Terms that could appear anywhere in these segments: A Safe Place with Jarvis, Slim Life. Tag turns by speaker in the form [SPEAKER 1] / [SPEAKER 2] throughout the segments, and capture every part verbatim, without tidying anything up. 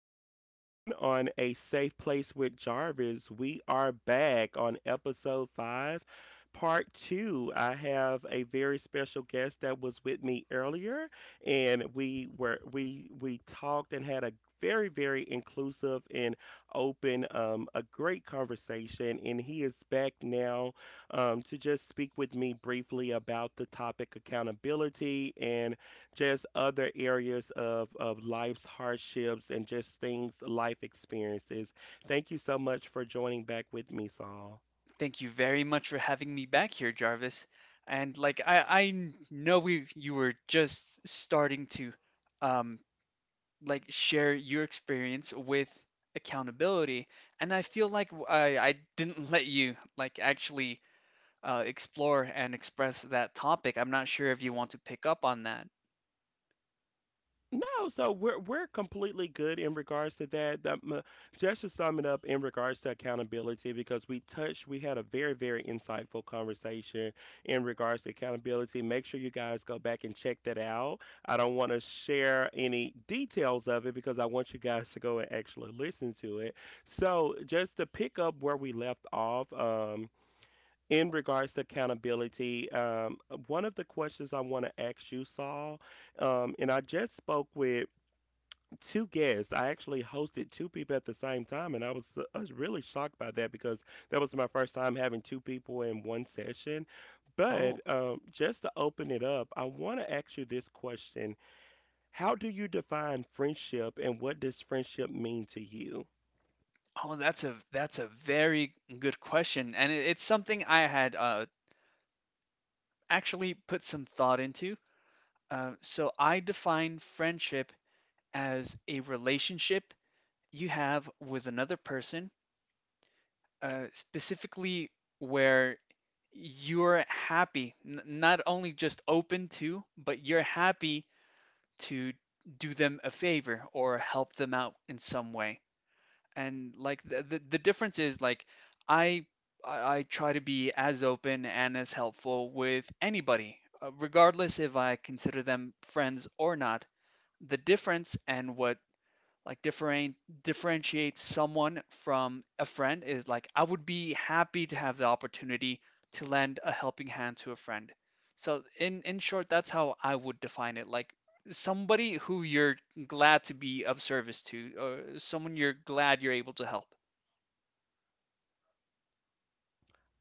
[SPEAKER 1] tuning in on A Safe Place with Jarvis. We are back on episode five, part two. I have a very special guest that was with me earlier, and we were we we talked and had a very, very inclusive and open um, a great conversation, and he is back now um, to just speak with me briefly about the topic accountability and just other areas of, of life's hardships and just things, life experiences. Thank you so much for joining back with me, Saul.
[SPEAKER 2] Thank you very much for having me back here, Jarvis. And like I, I know we you were just starting to um like share your experience with accountability, and I feel like w- I, I didn't let you like actually uh, explore and express that topic. I'm not sure if you want to pick up on that.
[SPEAKER 1] No, so we're we're completely good in regards to that. That m- just to sum it up in regards to accountability, because we touched, we had a very, very insightful conversation in regards to accountability. Make sure you guys go back and check that out. I don't want to share any details of it because I want you guys to go and actually listen to it. So just to pick up where we left off, um, in regards to accountability, um, one of the questions I want to ask you, Saul, um, and I just spoke with two guests. I actually hosted two people at the same time, and I was uh, I was really shocked by that because that was my first time having two people in one session.
[SPEAKER 2] Oh,
[SPEAKER 1] But um, just to open it up, I want to ask you this question: How do you define friendship, and what does friendship mean to you?
[SPEAKER 2] oh, that's a that's a very good question, and it, it's something I had uh, actually put some thought into. Uh, so I define friendship as a relationship you have with another person, uh, specifically where you're happy, n- not only just open to, but you're happy to do them a favor or help them out in some way. And like the the, the difference is like I I I try to be as open and as helpful with anybody, uh, regardless if I consider them friends or not. The difference and what like different differentiate someone from a friend is like I would be happy to have the opportunity to lend a helping hand to a friend. So in in short, that's how I would define it. Like somebody who you're glad to be of service to, or someone you're glad you're able to help.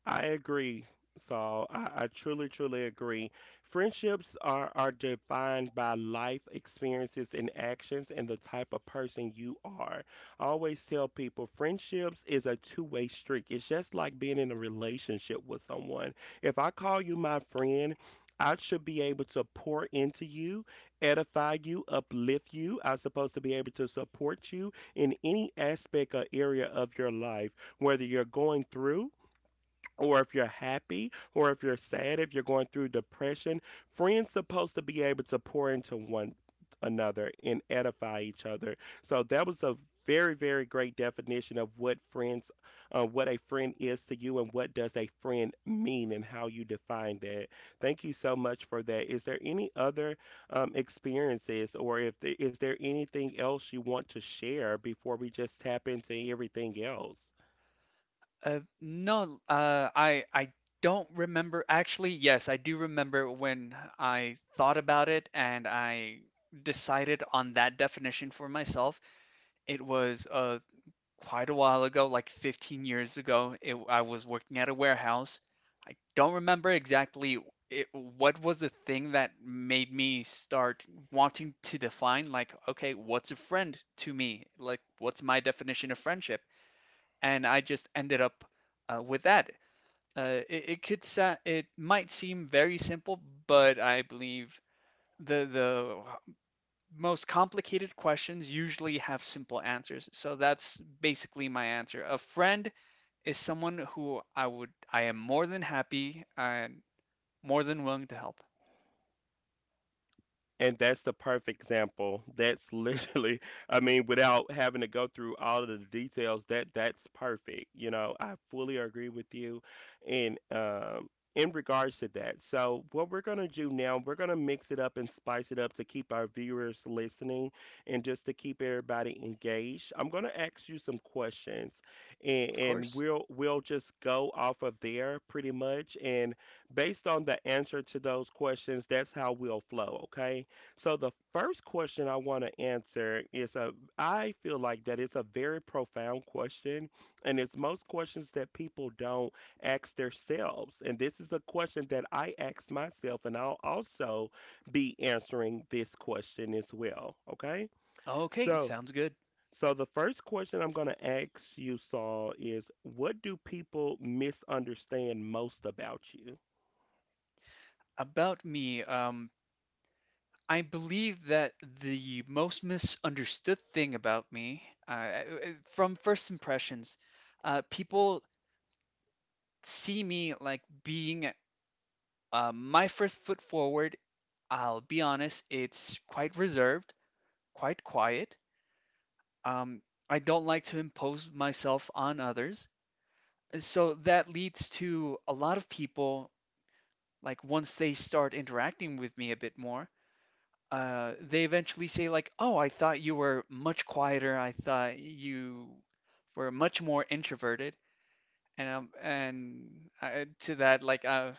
[SPEAKER 1] I agree, Saul. I, I truly, truly agree. Friendships are, are defined by life experiences and actions and the type of person you are. I always tell people friendships is a two-way street. It's just like being in a relationship with someone. If I call you my friend, I should be able to pour into you, edify you, uplift you. I'm supposed to be able to support you in any aspect or area of your life, whether you're going through, or if you're happy, or if you're sad, if you're going through depression, friends supposed to be able to pour into one another and edify each other. So that was a very, very great definition of what friends uh, what a friend is to you and what does a friend mean and how you define that. Thank you so much for that. Is there any other um, experiences, or if the, is there anything else you want to share before we just tap into everything else?
[SPEAKER 2] Uh, no, uh, I I don't remember. Actually, yes, I do remember when I thought about it and I decided on that definition for myself. It was uh quite a while ago, like fifteen years ago. It, I was working at a warehouse. I don't remember exactly it, what was the thing that made me start wanting to define like, okay, what's a friend to me? Like, what's my definition of friendship? And I just ended up uh, with that. Uh, it, it could sa- it might seem very simple, but I believe the the most complicated questions usually have simple answers. So that's basically my answer. A friend is someone who I would I am more than happy and more than willing to help.
[SPEAKER 1] And that's the perfect example. That's literally, I mean, without having to go through all of the details, that that's perfect. You know, I fully agree with you in um in regards to that. So what we're gonna do now, we're gonna mix it up and spice it up to keep our viewers listening and just to keep everybody engaged. I'm gonna ask you some questions, and,
[SPEAKER 2] Of
[SPEAKER 1] and
[SPEAKER 2] course.
[SPEAKER 1] we'll we'll just go off of there pretty much, and based on the answer to those questions, that's how we'll flow, okay? So the first question I want to answer is a, I feel like that it's a very profound question, and it's most questions that people don't ask themselves. And this is a question that I ask myself, and I'll also be answering this question as well, okay?
[SPEAKER 2] Okay,
[SPEAKER 1] So
[SPEAKER 2] sounds good.
[SPEAKER 1] so the first question I'm going to ask you, Saul, is what do people misunderstand most about you?
[SPEAKER 2] About me, um, I believe that the most misunderstood thing about me, uh, uh, from first impressions, uh, people see me like being uh, my first foot forward. I'll be honest, it's quite reserved, quite quiet. Um, I don't like to impose myself on others. So that leads to a lot of people, like once they start interacting with me a bit more, uh, they eventually say like, "Oh, I thought you were much quieter. I thought you were much more introverted." And um, and I, to that like uh,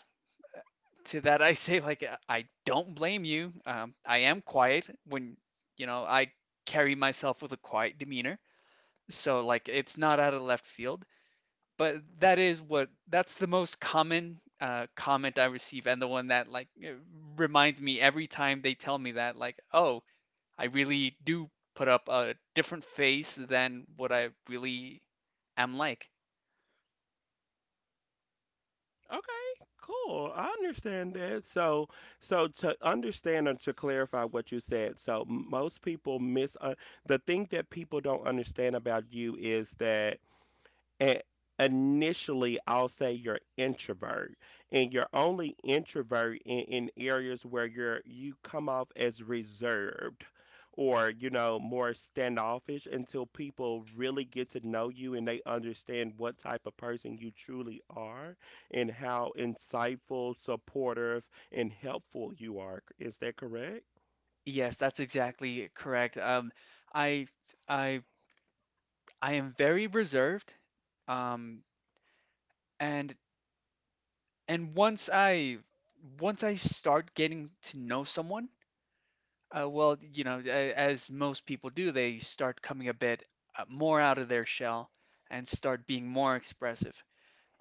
[SPEAKER 2] to that I say like uh, I don't blame you. Um, I am quiet when you know I carry myself with a quiet demeanor. So like it's not out of left field. But that is what that's the most common uh, comment I receive and the one that like uh, reminds me every time they tell me that like, "Oh, I really do put up a different face than what I really am like."
[SPEAKER 1] Okay, cool. I understand that. So, so to understand and to clarify what you said, so most people miss uh, the thing that people don't understand about you is that, and initially, I'll say you're introvert, and you're only introvert in, in areas where you're you come off as reserved, or you know, more standoffish until people really get to know you and they understand what type of person you truly are and how insightful, supportive, and helpful you are. Is that correct?
[SPEAKER 2] Yes, that's exactly correct. Um, I I I am very reserved. Um, and and once I once I start getting to know someone, uh, well, you know, a- as most people do, they start coming a bit uh, more out of their shell and start being more expressive.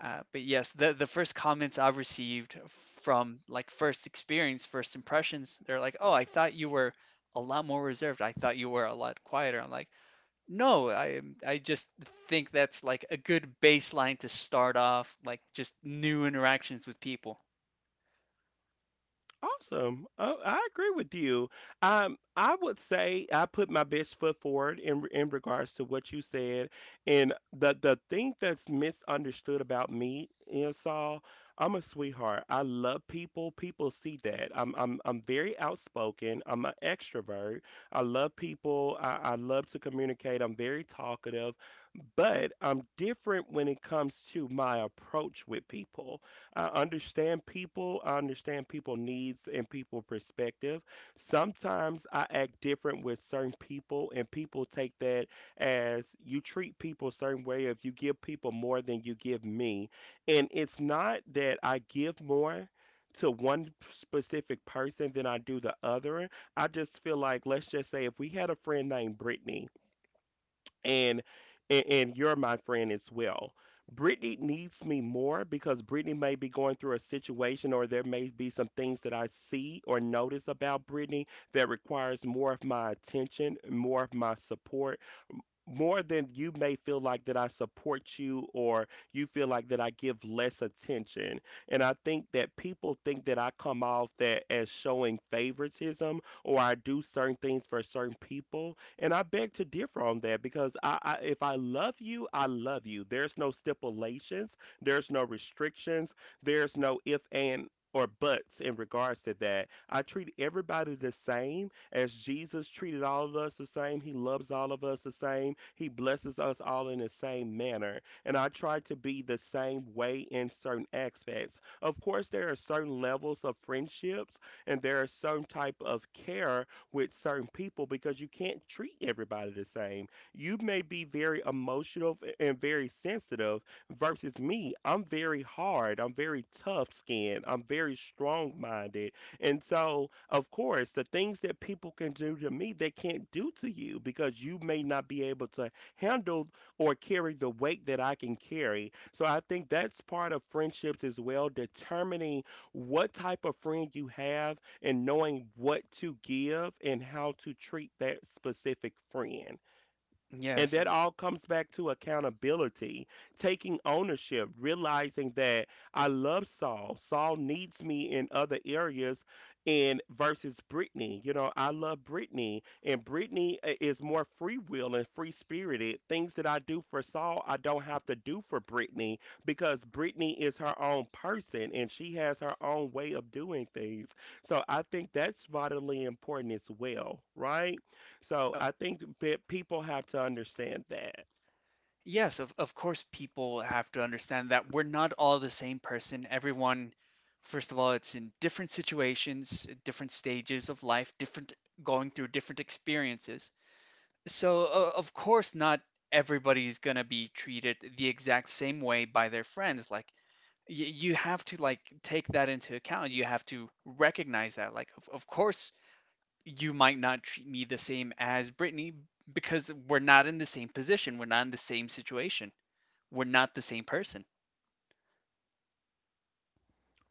[SPEAKER 2] Uh, but yes, the the first comments I've received from like first experience, first impressions, they're like, "Oh, I thought you were a lot more reserved. I thought you were a lot quieter." I'm like, "No, I I just think that's like a good baseline to start off, like just new interactions with people."
[SPEAKER 1] Awesome. Oh, I agree with you. Um, I would say I put my best foot forward in re- in regards to what you said, and the the thing that's misunderstood about me, you know, Saul, I'm a sweetheart. I love people. People see that. I'm I'm I'm very outspoken. I'm an extrovert. I love people. I, I love to communicate. I'm very talkative, but I'm different when it comes to my approach with people. I understand people, I understand people needs and people perspective. Sometimes I act different with certain people and people take that as you treat people a certain way if you give people more than you give me. And it's not that I give more to one specific person than I do the other. I just feel like, let's just say if we had a friend named Brittany, and and, and you're my friend as well. Brittany needs me more because Brittany may be going through a situation, or there may be some things that I see or notice about Brittany that requires more of my attention, more of my support, more than you may feel like that I support you, or you feel like that I give less attention. And I think that people think that I come off that as showing favoritism, or I do certain things for certain people. And I beg to differ on that because I, I, if I love you, I love you. There's no stipulations, there's no restrictions, there's no if and or buts in regards to that. I treat everybody the same. As Jesus treated all of us the same, he loves all of us the same, he blesses us all in the same manner. And I try to be the same way in certain aspects. Of course, there are certain levels of friendships and there are certain type of care with certain people because you can't treat everybody the same. You may be very emotional and very sensitive versus me. I'm very hard, I'm very tough skinned, I'm very strong minded, and so, of course, the things that people can do to me, they can't do to you because you may not be able to handle or carry the weight that I can carry. So I think that's part of friendships as well, determining what type of friend you have and knowing what to give and how to treat that specific friend. And
[SPEAKER 2] Yes,
[SPEAKER 1] that all comes back to accountability, taking ownership, realizing that I love Saul. Saul needs me in other areas, and versus Brittany. You know, I love Brittany, and Brittany i- is more free will and free spirited. Things that I do for Saul, I don't have to do for Brittany because Brittany is her own person and she has her own way of doing things. So I think that's vitally important as well, right? So I think that people have to understand that.
[SPEAKER 2] yes, of of course people have to understand that we're not all the same person. Everyone, first of all, it's in different situations, different stages of life, different going through different experiences. So, uh, of course, not everybody's gonna be treated the exact same way by their friends. Like, y you have to like take that into account. You have to recognize that. Like, of, of course, you might not treat me the same as Brittany because we're not in the same position. We're not in the same situation. We're not the same person.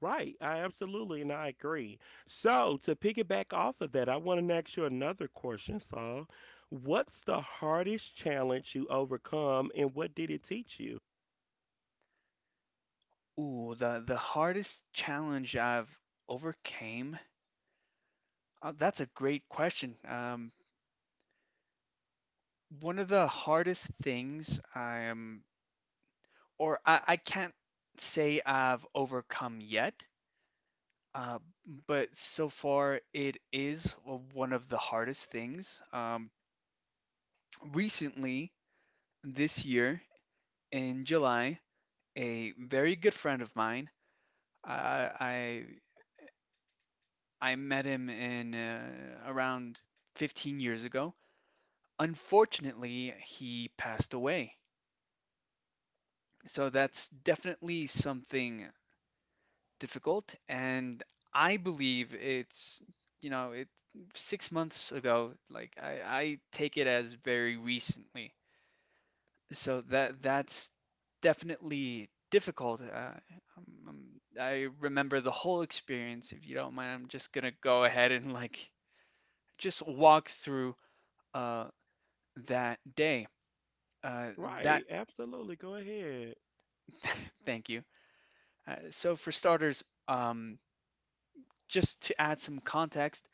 [SPEAKER 1] Right. I absolutely, and I agree. So to piggyback off of that, I want to ask you another question, Saul. What's the hardest challenge you overcome and what did it teach you?
[SPEAKER 2] Ooh, the the hardest challenge I've overcame. Uh, that's a great question. Um, one of the hardest things I am or I, I can't say I've overcome yet, uh, but so far it is one of the hardest things. Um, recently, this year in July, a very good friend of mine, I I, I met him in uh, around fifteen years ago. Unfortunately, he passed away. So that's definitely something difficult, and I believe it's you know it six months ago. Like I, I take it as very recently, so that that's definitely difficult. Uh, um, um, I remember the whole experience. If you don't mind, I'm just gonna go ahead and like just walk through uh, that day. Uh, that
[SPEAKER 1] Right. Absolutely. Go ahead.
[SPEAKER 2] thank you. Uh, so for starters, um, just to add some context,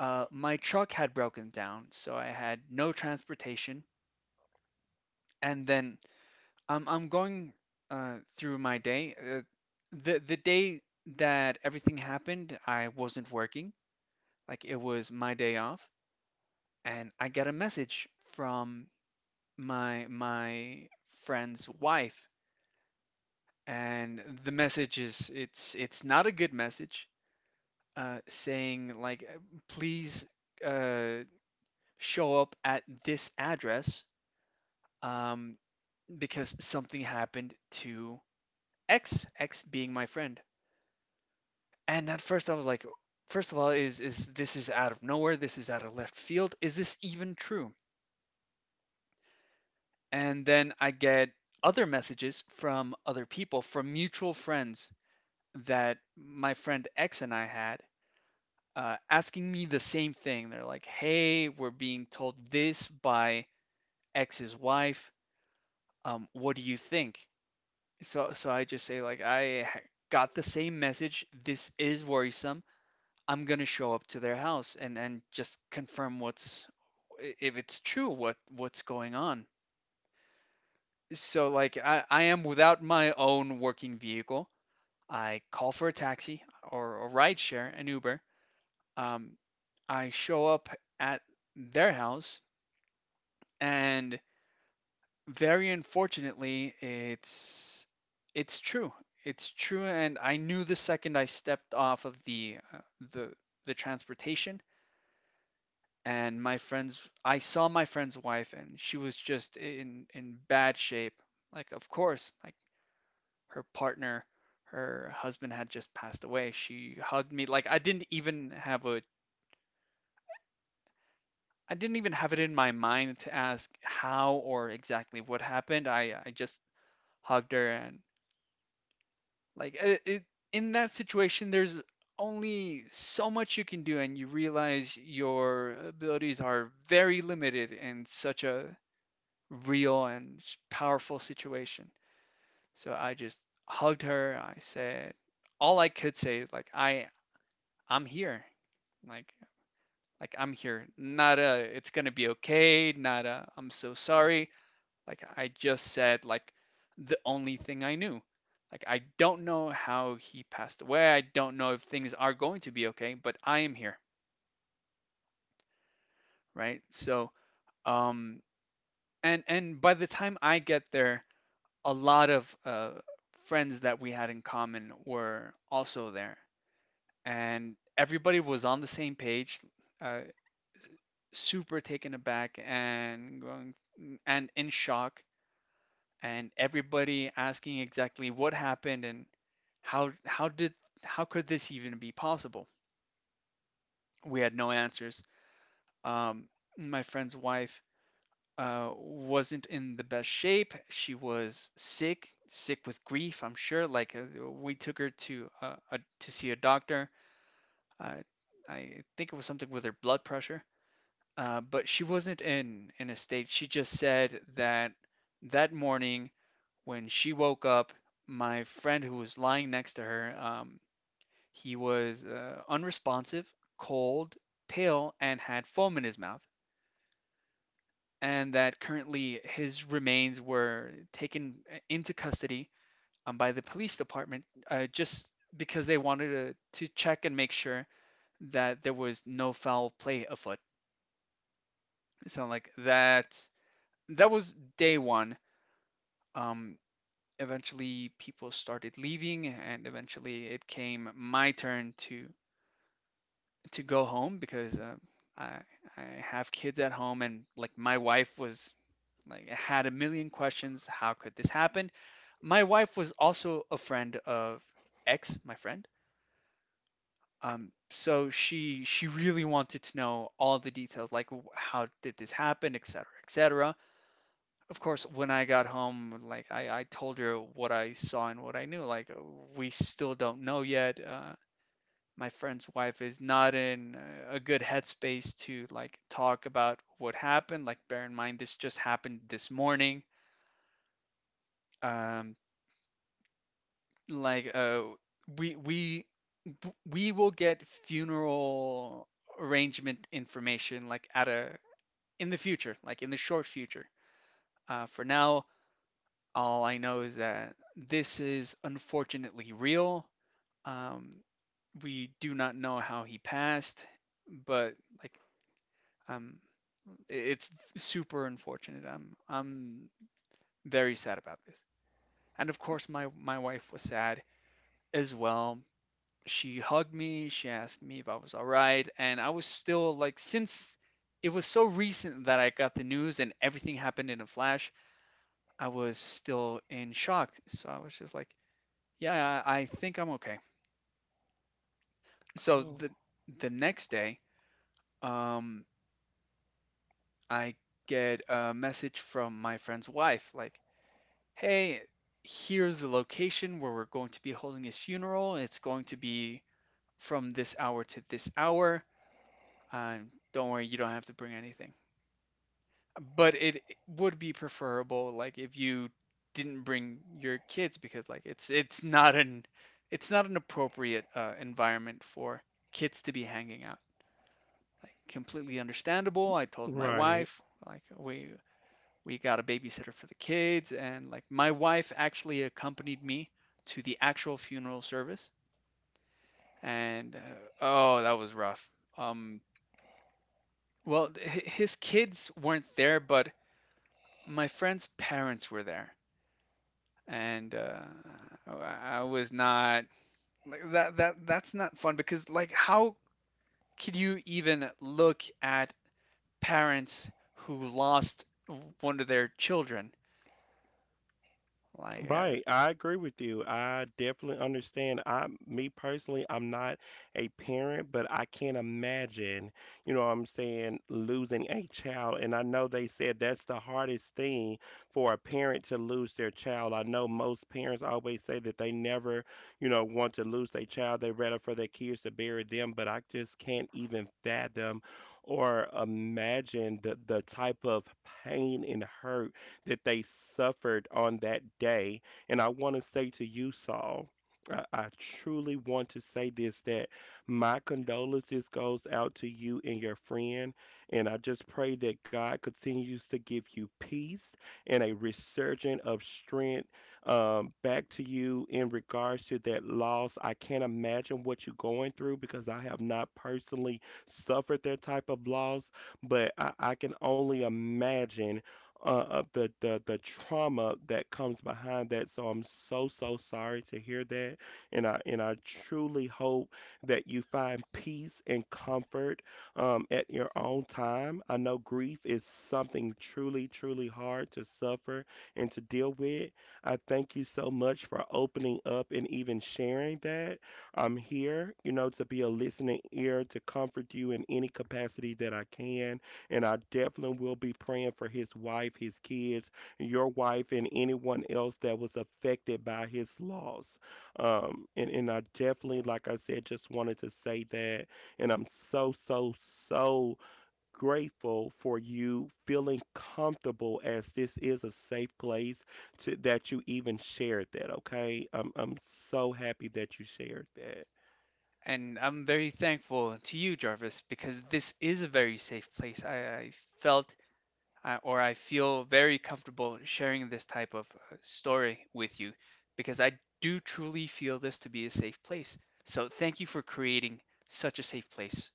[SPEAKER 2] uh, my truck had broken down, so I had no transportation. And then I'm I'm going uh, through my day. Uh, the the day that everything happened, I wasn't working. Like it was my day off, and I got a message from my my friend's wife, and the message is it's it's not a good message, uh, saying like please uh, show up at this address. Um, because something happened to X, X being my friend. And at first I was like, first of all, is is this is out of nowhere? This is out of left field. Is this even true? And then I get other messages from other people, from mutual friends that my friend X and I had, uh, asking me the same thing. They're like, "Hey, we're being told this by X's wife. Um, what do you think?" So so I just say like I ha- got the same message. This is worrisome. I'm gonna show up to their house and and just confirm what's if it's true what what's going on. So like I I am without my own working vehicle. I call for a taxi or a rideshare, an Uber. Um, I show up at their house and very unfortunately, it's it's true. It's true, and I knew the second I stepped off of the uh, the the transportation, and my friends, I saw my friend's wife, and she was just in in bad shape. Like, of course, like her partner, her husband had just passed away. She hugged me. Like, I didn't even have a I didn't even have it in my mind to ask how or exactly what happened. I I just hugged her and Like it, it, in that situation, there's only so much you can do, and you realize your abilities are very limited in such a real and powerful situation. So I just hugged her. I said, all I could say is like, I, I'm here. Like, like I'm here. Not a, it's gonna be okay. Not a, I'm so sorry. Like I just said, like the only thing I knew. Like I don't know how he passed away. I don't know if things are going to be okay, but I am here, right? So, um, and and by the time I get there, a lot of uh, friends that we had in common were also there, and everybody was on the same page, uh, super taken aback and going and in shock, and everybody asking exactly what happened and How how did how could this even be possible? We had no answers. Um, my friend's wife uh, wasn't in the best shape. She was sick, sick with grief, I'm sure. Like uh, we took her to uh, a, to see a doctor. Uh, I think it was something with her blood pressure. Uh, but she wasn't in in a state. She just said that that morning when she woke up, my friend who was lying next to her, um, he was uh, unresponsive, cold, pale, and had foam in his mouth, and that currently his remains were taken uh, into custody um, by the police department uh, just because they wanted to, to check and make sure that there was no foul play afoot. So like that that was day one. Um, eventually people started leaving and eventually it came my turn to to go home because uh, I I have kids at home and like my wife was like had a million questions. How could this happen? My wife was also a friend of X my friend. Um, so she she really wanted to know all the details, like how did this happen, et cetera, et cetera. Of course, when I got home, like I, I told her what I saw and what I knew. Like uh, we still don't know yet. Uh, my friend's wife is not in uh, a good headspace to like talk about what happened. Like, bear in mind this just happened this morning. Um, like, uh, we we we will get funeral arrangement information like at a in the future, like in the short future. Uh, for now, all I know is that this is unfortunately real. Um, we do not know how he passed, but like um, it's super unfortunate. I'm I'm very sad about this. And of course my my wife was sad as well. She hugged me, she asked me if I was all right, and I was still like, since it was so recent that I got the news and everything happened in a flash, I was still in shock. So I was just like, yeah, I, I think I'm okay. So
[SPEAKER 1] Oh.
[SPEAKER 2] the the next day, um I get a message from my friend's wife like, hey, here's the location where we're going to be holding his funeral. It's going to be from this hour to this hour. Um, don't worry, you don't have to bring anything. But it would be preferable, like, if you didn't bring your kids because, like, it's it's not an it's not an appropriate uh, environment for kids to be hanging out. Like, completely understandable. I told my
[SPEAKER 1] Right.
[SPEAKER 2] wife, like, we we got a babysitter for the kids, and like my wife actually accompanied me to the actual funeral service. And uh, oh that was rough. um well th- his kids weren't there, but my friend's parents were there. and uh oh, I was not, like, that that that's not fun because, like, how could you even look at parents who lost one of their children? like uh,
[SPEAKER 1] Right, I agree with you. I definitely understand. I, me personally, I'm not a parent, but I can't imagine, you know what I'm saying, losing a child. And I know they said that's the hardest thing for a parent to lose their child. I know most parents always say that they never, you know, want to lose their child. They rather for their kids to bury them, but I just can't even fathom or imagine the, the type of pain and hurt that they suffered on that day. And I want to say to you, Saul, I, I truly want to say this, that my condolences goes out to you and your friend. And I just pray that God continues to give you peace and a resurgence of strength um, back to you in regards to that loss. I can't imagine what you're going through because I have not personally suffered that type of loss, but I, I can only imagine uh, of the, the the trauma that comes behind that. So I'm so, so sorry to hear that, and I and I truly hope that you find peace and comfort um, at your own time. I know grief is something truly, truly hard to suffer and to deal with. I thank you so much for opening up and even sharing that. I'm here, you know, to be a listening ear to comfort you in any capacity that I can, and I definitely will be praying for his wife, his kids, your wife, and anyone else that was affected by his loss. Um, and, and I definitely, like I said, just wanted to say that. And I'm so, so, so grateful for you feeling comfortable, as this is a safe place, to, that you even shared that, okay? I'm, I'm so happy that you shared that.
[SPEAKER 2] And I'm very thankful to you, Jarvis, because this is a very safe place. I, I felt, I, or I feel very comfortable sharing this type of uh, story with you because I do truly feel this to be a safe place. So thank you for creating such a safe place.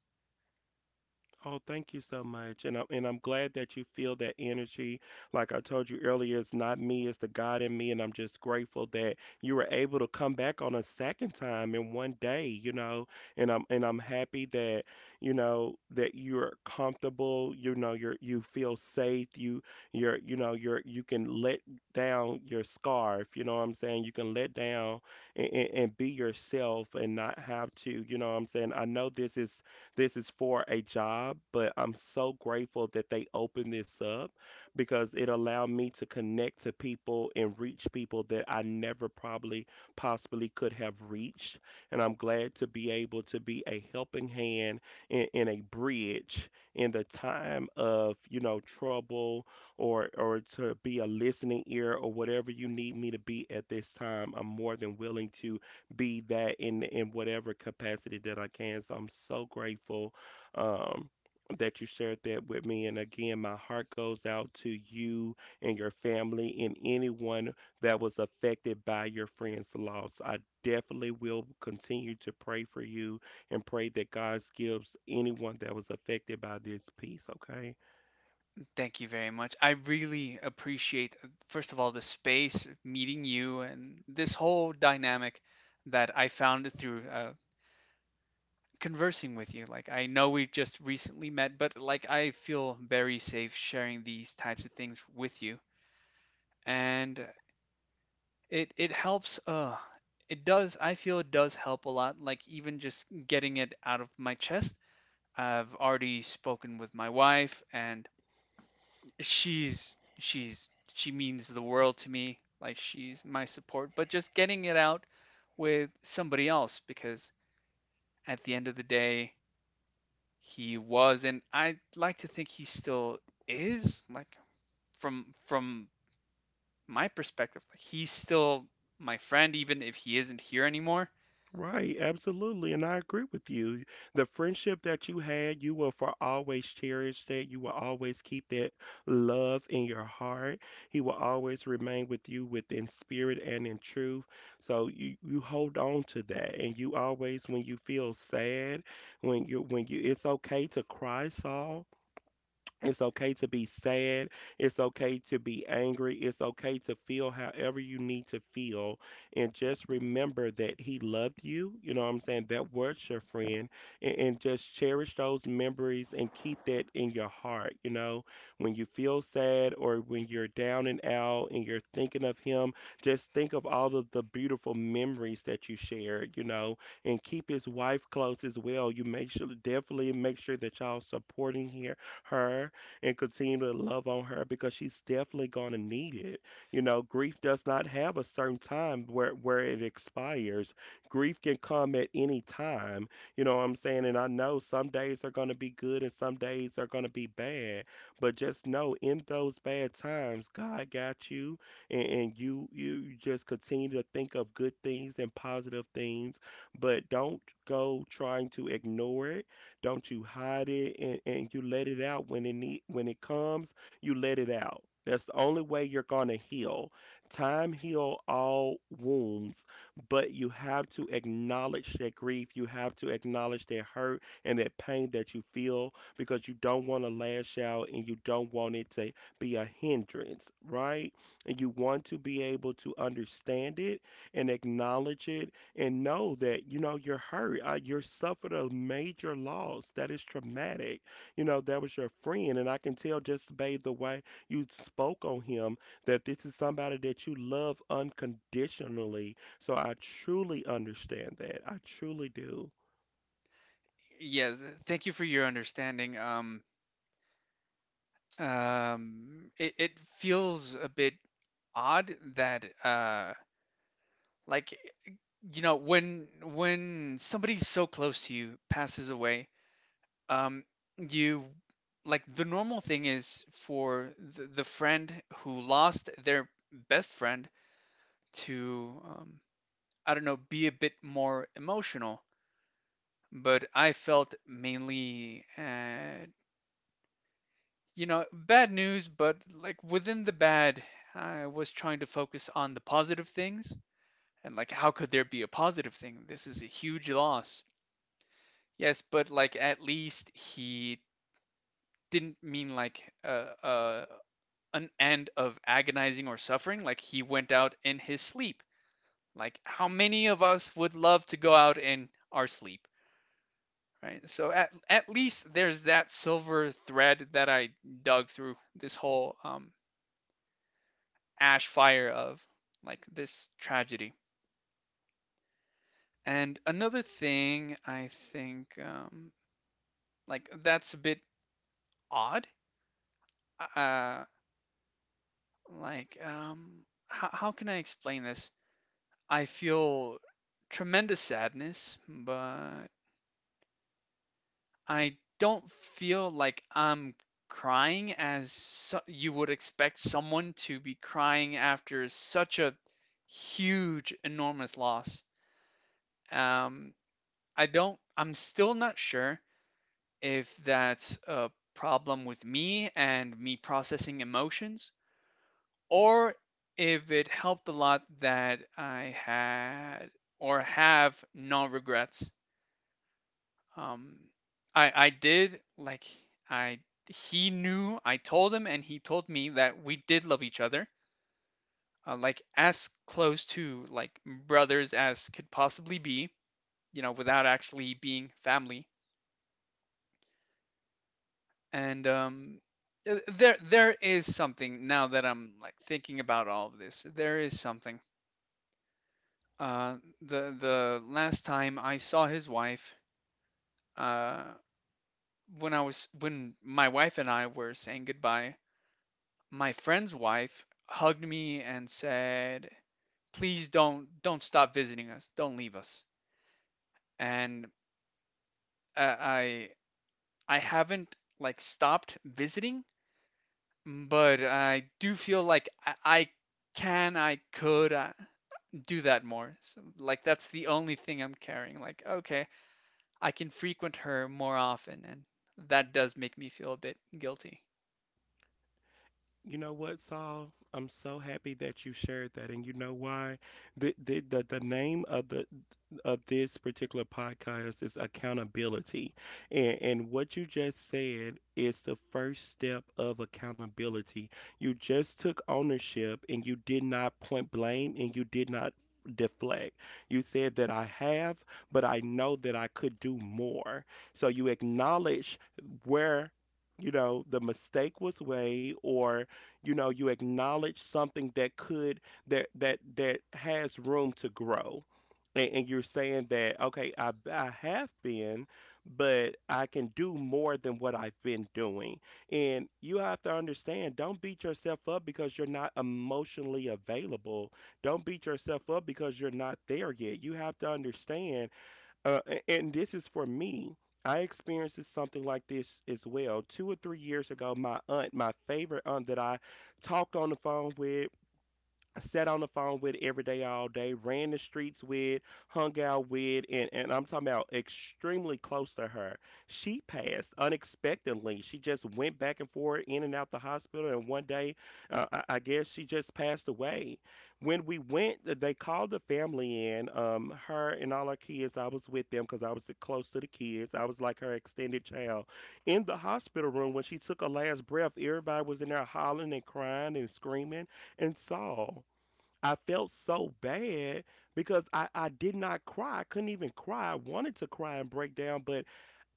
[SPEAKER 1] Oh, thank you so much. And I'm and I'm glad that you feel that energy. Like I told you earlier, it's not me, it's the God in me. And I'm just grateful that you were able to come back on a second time in one day, you know. And I'm and I'm happy that, you know, that you're comfortable, you know, you're you feel safe, you you're you know, you're you can let down your scarf, you know what I'm saying? You can let down and, and, and be yourself and not have to, you know what I'm saying? I know this is this is for a job, but I'm so grateful that they opened this up because it allowed me to connect to people and reach people that I never probably possibly could have reached. And I'm glad to be able to be a helping hand and, and a bridge in the time of, you know, trouble or or to be a listening ear or whatever you need me to be at this time. I'm more than willing to be that in in whatever capacity that I can. So I'm so grateful um, that you shared that with me. And again, my heart goes out to you and your family and anyone that was affected by your friend's loss. I definitely will continue to pray for you and pray that God gives anyone that was affected by this peace. Okay.
[SPEAKER 2] Thank you very much. I really appreciate, uh, first of all, the space, meeting you, and this whole dynamic that I found through uh, conversing with you. Like, I know we just recently met, but like, I feel very safe sharing these types of things with you. And it it helps. Uh, it does. I feel it does help a lot. Like, even just getting it out of my chest. I've already spoken with my wife, and she's she's she means the world to me. Like, she's my support. But just getting it out with somebody else, because at the end of the day, he was, and I'd like to think he still is. Like, from from my perspective, like, he's still my friend, even if he isn't here anymore.
[SPEAKER 1] Right, absolutely, and I agree with you. The friendship that you had, you will for always cherish that. You will always keep that love in your heart. He will always remain with you within spirit and in truth. So you you hold on to that, and you always, when you feel sad, when you when you, it's okay to cry, Saul. It's okay to be sad. It's okay to be angry. It's okay to feel however you need to feel. And just remember that He loved you. You know what I'm saying? That was your friend. And, and just cherish those memories and keep that in your heart. You know, when you feel sad or when you're down and out and you're thinking of Him, just think of all of the beautiful memories that you shared, you know, and keep His wife close as well. You make sure, definitely make sure that y'all supporting here her and continue to love on her because she's definitely going to need it. You know, grief does not have a certain time where where it expires. Grief can come at any time. You know what I'm saying? And I know some days are going to be good and some days are going to be bad, but just know in those bad times, God got you and, and you you just continue to think of good things and positive things, but don't go trying to ignore it don't you hide it and, and you let it out when it need, when it comes, you let it out. That's the only way you're going to heal. Time heal all wounds, but you have to acknowledge that grief, you have to acknowledge that hurt and that pain that you feel because you don't want to lash out and you don't want it to be a hindrance, right? And you want to be able to understand it and acknowledge it and know that you know you're hurt, uh, you suffered a major loss that is traumatic. You know that was your friend, and I can tell just by the way you spoke on him that this is somebody that you love unconditionally. So I truly understand that, I truly do.
[SPEAKER 2] Yes, thank you for your understanding. Um, um, it, it feels a bit odd that, uh, like you know, when when somebody so close to you passes away. Um, you, like, the normal thing is for the, the friend who lost their best friend to, um, I don't know, be a bit more emotional. But I felt mainly, uh, you know, bad news, but like within the bad, I was trying to focus on the positive things. And like, how could there be a positive thing? This is a huge loss. Yes, but like at least he didn't mean like a, a an end of agonizing or suffering. Like he went out in his sleep. Like how many of us would love to go out in our sleep, right? So at at least there's that silver thread that I dug through this whole um, ash fire of like this tragedy. And another thing I think, um, like that's a bit odd. Uh, like um, how, how can I explain this? I feel tremendous sadness, but I don't feel like I'm crying as so- you would expect someone to be crying after such a huge, enormous loss. Um, I don't, I'm still not sure if that's a problem with me and me processing emotions, or if it helped a lot that I had or have no regrets. Um, I I did, like I he knew, I told him and he told me that we did love each other, uh, like as close to like brothers as could possibly be, you know, without actually being family. And um, th- there there is something now that I'm like thinking about all of this. There is something. Uh, the the last time I saw his wife, uh, when I was, when my wife and I were saying goodbye, my friend's wife hugged me and said, "Please don't don't stop visiting us. Don't leave us." And uh, I I haven't like stopped visiting, but I do feel like I, I can I could uh, do that more. So, like that's the only thing I'm carrying. Like, okay, I can frequent her more often, and that does make me feel a bit guilty.
[SPEAKER 1] You know what, Saul? I'm so happy that you shared that, and you know why? The the the, the name of the of this particular podcast is accountability, and and what you just said is the first step of accountability. You just took ownership, and you did not point blame, and you did not deflect. You said that I have, but I know that I could do more. So you acknowledge where you know the mistake was made, or you know you acknowledge something that could that that that has room to grow and, and you're saying that okay, I, I have been, but I can do more than what I've been doing. And you have to understand, don't beat yourself up because you're not emotionally available, don't beat yourself up because you're not there yet. You have to understand, uh, a- and this is for me. I experienced this- something like this as well. Two or three years ago, my aunt, my favorite aunt that I talked on the phone with, sat on the phone with every day, all day, ran the streets with, hung out with, and, and I'm talking about extremely close to her. She passed unexpectedly. She just went back and forth in and out the hospital, and one day, uh, I, I guess she just passed away. When we went, they called the family in, um, her and all her kids. I was with them because I was close to the kids. I was like her extended child. In the hospital room, when she took her last breath, everybody was in there hollering and crying and screaming and saw. I felt so bad because I, I did not cry. I couldn't even cry. I wanted to cry and break down, but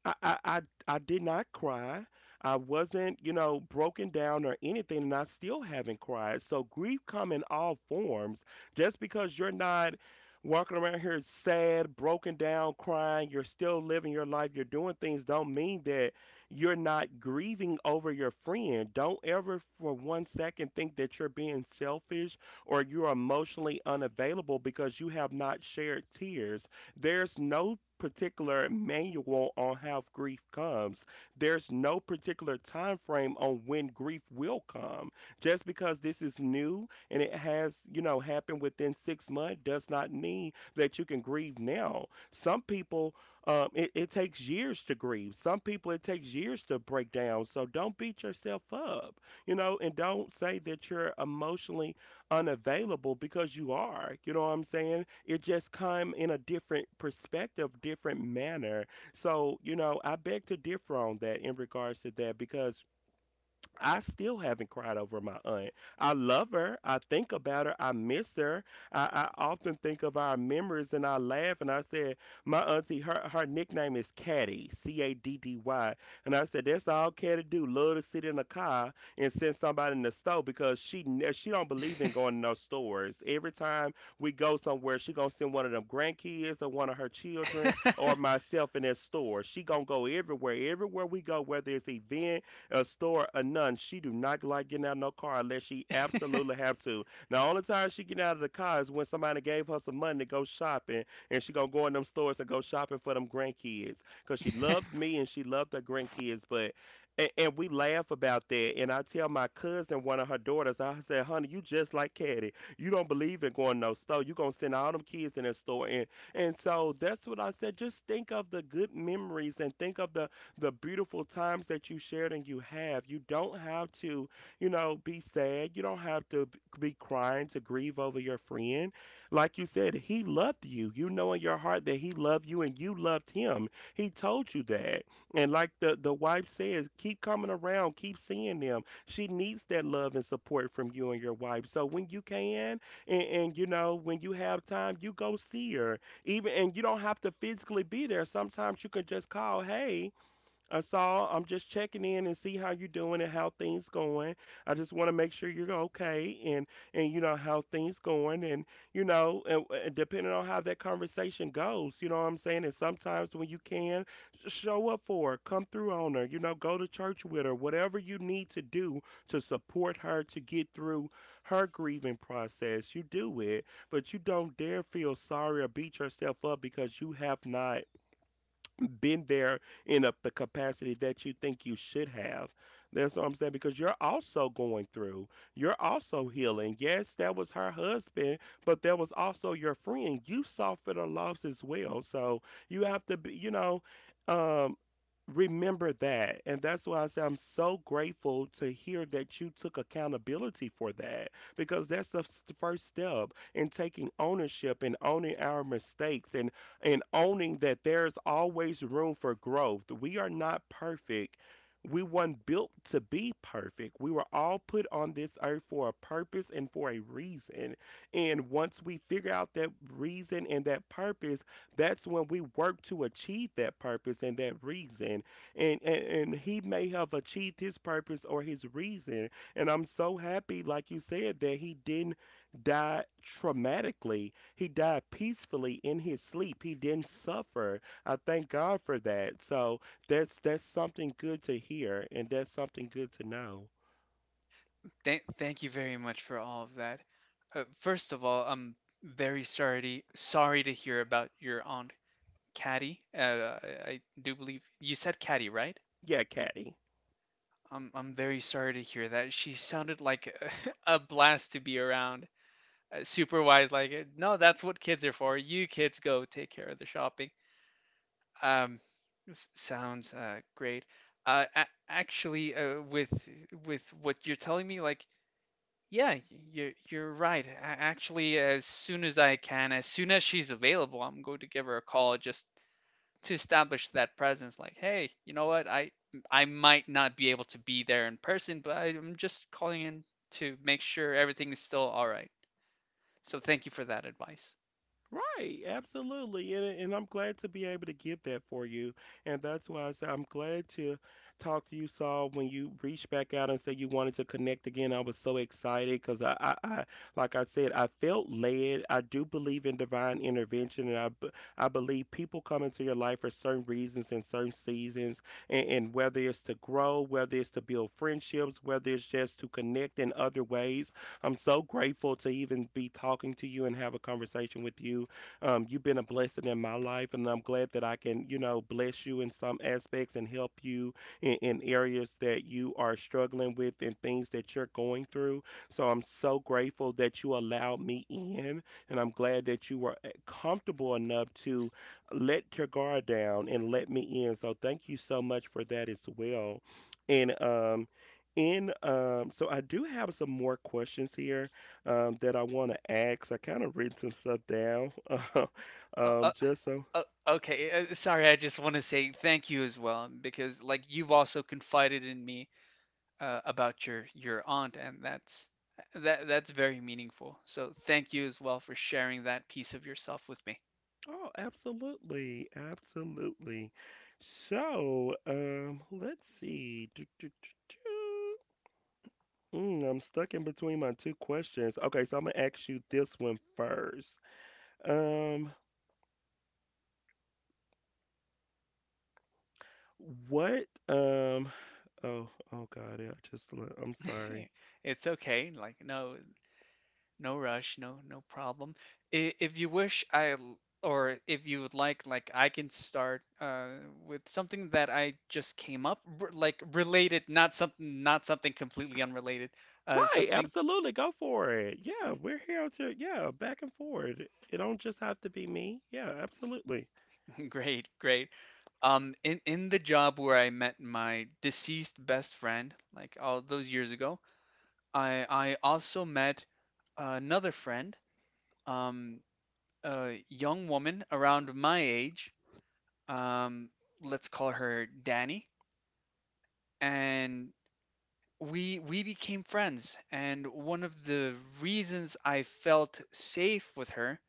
[SPEAKER 1] I, I I I did not cry. I wasn't, you know, broken down or anything, and I still haven't cried. So grief come in all forms. Just because you're not walking around here sad, broken down, crying, you're still living your life, you're doing things, don't mean that you're not grieving over your friend. Don't ever for one second think that you're being selfish or you're emotionally unavailable because you have not shared tears. There's no particular manual on how grief comes. There's no particular time frame on when grief will come. Just because this is new and it has, you know, happened within six months does not mean that you can grieve now. Some people um, it, it takes years to grieve. Some people it takes years to break down. So don't beat yourself up, you know, and don't say that you're emotionally unavailable because you are. You know what I'm saying? It just come in a different perspective, different manner. So, you know, I beg to differ on that in regards to that because I still haven't cried over my aunt. I love her. I think about her. I miss her. I, I often think of our memories and I laugh and I said, my auntie, her, her nickname is Caddy, C A D D Y. And I said, that's all Caddy do. Love to sit in a car and send somebody in the store because she ne- she don't believe in going to no stores. Every time we go somewhere, she gonna send one of them grandkids or one of her children or myself in that store. She gonna go everywhere. Everywhere we go, whether it's event, a store, a nun, she do not like getting out of no car unless she absolutely have to. Now, only time she get out of the car is when somebody gave her some money to go shopping, and she gonna go in them stores and go shopping for them grandkids, cause she loved me and she loved her grandkids. But and, and we laugh about that, and I tell my cousin, one of her daughters, I said, "Honey, you just like Caddy. You don't believe in going to no store. You gonna send all them kids in that store." And and so that's what I said. Just think of the good memories and think of the the beautiful times that you shared and you have. You don't have to, you know, be sad. You don't have to b- be crying to grieve over your friend. Like you said, he loved you. You know in your heart that he loved you and you loved him. He told you that. And like the, the wife says, keep coming around, keep seeing them. She needs that love and support from you and your wife. So when you can, and, and you know, when you have time, you go see her. Even and you don't have to physically be there. Sometimes you can just call, hey, I saw. I'm just checking in and see how you're doing and how things going. I just want to make sure you're okay and and you know how things going and you know and, and depending on how that conversation goes, you know what I'm saying. And sometimes when you can, sh- show up for her, come through on her, you know, go to church with her, whatever you need to do to support her to get through her grieving process, you do it. But you don't dare feel sorry or beat yourself up because you have not not been there in a, the capacity that you think you should have. That's what I'm saying because you're also going through, you're also healing. Yes, that was her husband, but that was also your friend. You suffered a loss as well, so you have to be, you know. Um, Remember that. And that's why I say I'm so grateful to hear that you took accountability for that because that's the s- the first step in taking ownership and owning our mistakes, and, and owning that there's always room for growth. We are not perfect. We weren't built to be perfect. We were all put on this earth for a purpose and for a reason. And once we figure out that reason and that purpose, that's when we work to achieve that purpose and that reason. And, and and he may have achieved his purpose or his reason. And I'm so happy, like you said, that he didn't die traumatically. He died peacefully in his sleep. He didn't suffer. I thank God for that. So that's that's something good to hear, and that's something good to know.
[SPEAKER 2] Thank, thank you very much for all of that. Uh, first of all, I'm very sorry sorry to hear about your aunt Caddy. Uh, I I do believe you said Caddy, right?
[SPEAKER 1] Yeah, Caddy.
[SPEAKER 2] I'm I'm very sorry to hear that. She sounded like a, blast to be around. Uh, super wise, like, uh, no, that's what kids are for. You kids go take care of the shopping. Um, s- Sounds uh, great. Uh, a- actually, uh, with with what you're telling me, like, yeah, you're you're right. A- Actually, as soon as I can, as soon as she's available, I'm going to give her a call just to establish that presence. Like, hey, you know what? I I might not be able to be there in person, but I- I'm just calling in to make sure everything is still all right. So thank you for that advice.
[SPEAKER 1] Right, absolutely. And, and I'm glad to be able to give that for you. And that's why I said I'm glad to talk to you, Saul, when you reached back out and said you wanted to connect again. I was so excited because I, I, I, like I said, I felt led. I do believe in divine intervention, and I, b- I believe people come into your life for certain reasons and certain seasons. And, and whether it's to grow, whether it's to build friendships, whether it's just to connect in other ways, I'm so grateful to even be talking to you and have a conversation with you. Um, you've been a blessing in my life, and I'm glad that I can, you know, bless you in some aspects and help you in, in areas that you are struggling with and things that you're going through. So I'm so grateful that you allowed me in, and I'm glad that you were uh, comfortable enough to let your guard down and let me in. So thank you so much for that as well. And um, and um, So I do have some more questions here um, that I want to ask. I kind of written some stuff down, uh,
[SPEAKER 2] Uh,
[SPEAKER 1] um,
[SPEAKER 2] uh,
[SPEAKER 1] just so.
[SPEAKER 2] uh, okay, uh, sorry, I just want to say thank you as well because, like, you've also confided in me uh, about your your aunt, and that's, that that's very meaningful. So thank you as well for sharing that piece of yourself with me.
[SPEAKER 1] Oh, absolutely, absolutely. So um, let's see. Do, do, do, do. Mm, I'm stuck in between my two questions. Okay, so I'm gonna ask you this one first. Um, what? Um, oh, oh God, I just. le- I'm sorry.
[SPEAKER 2] It's okay, like, no no rush, no no problem. I- If you wish, I l- or if you would like, like I can start uh, with something that I just came up, r- like related, not something not something completely unrelated, uh,
[SPEAKER 1] Right,
[SPEAKER 2] something
[SPEAKER 1] absolutely. Go for it. Yeah, we're here to, yeah, back and forward. It don't just have to be me. Yeah, absolutely.
[SPEAKER 2] Great, great. Um, in in the job where I met my deceased best friend, like all those years ago, I I also met another friend, um, a young woman around my age. Um, let's call her Danny, and we we became friends. And one of the reasons I felt safe with her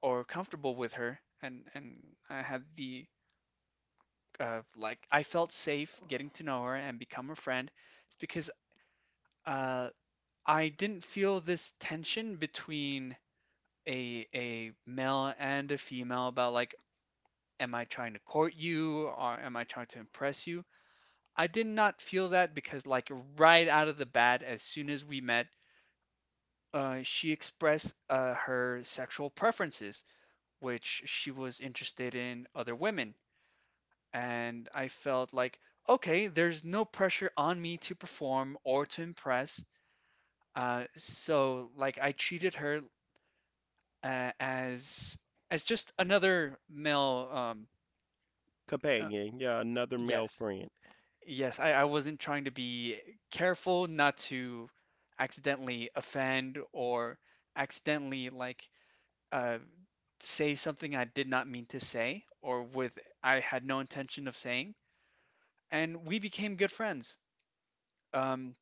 [SPEAKER 2] or comfortable with her, and and I had the uh, like, I felt safe getting to know her and become her friend. It's because, uh, I didn't feel this tension between a a male and a female about, like, am I trying to court you or am I trying to impress you? I did not feel that because, like, right out of the bat, as soon as we met, uh, she expressed uh, her sexual preferences, which she was interested in other women. And I felt like, okay, there's no pressure on me to perform or to impress. Uh, so like I treated her uh, as as just another male. Um, uh,
[SPEAKER 1] Companion, yeah, another male
[SPEAKER 2] yes,
[SPEAKER 1] friend.
[SPEAKER 2] yes, I, I wasn't trying to be careful not to accidentally offend or accidentally like, uh, say something I did not mean to say or with I had no intention of saying. And we became good friends. Um,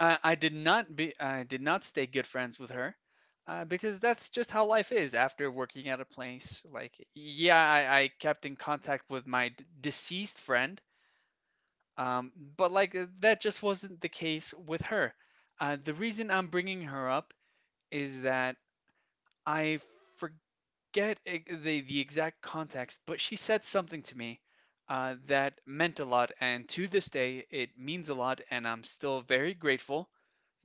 [SPEAKER 2] I, I did not be I did not stay good friends with her uh, because that's just how life is after working at a place. Like, yeah, I, I kept in contact with my d- deceased friend, um, but like uh, that just wasn't the case with her. Uh, the reason I'm bringing her up is that I forget e- the the exact context, but she said something to me uh, that meant a lot, and to this day it means a lot, and I'm still very grateful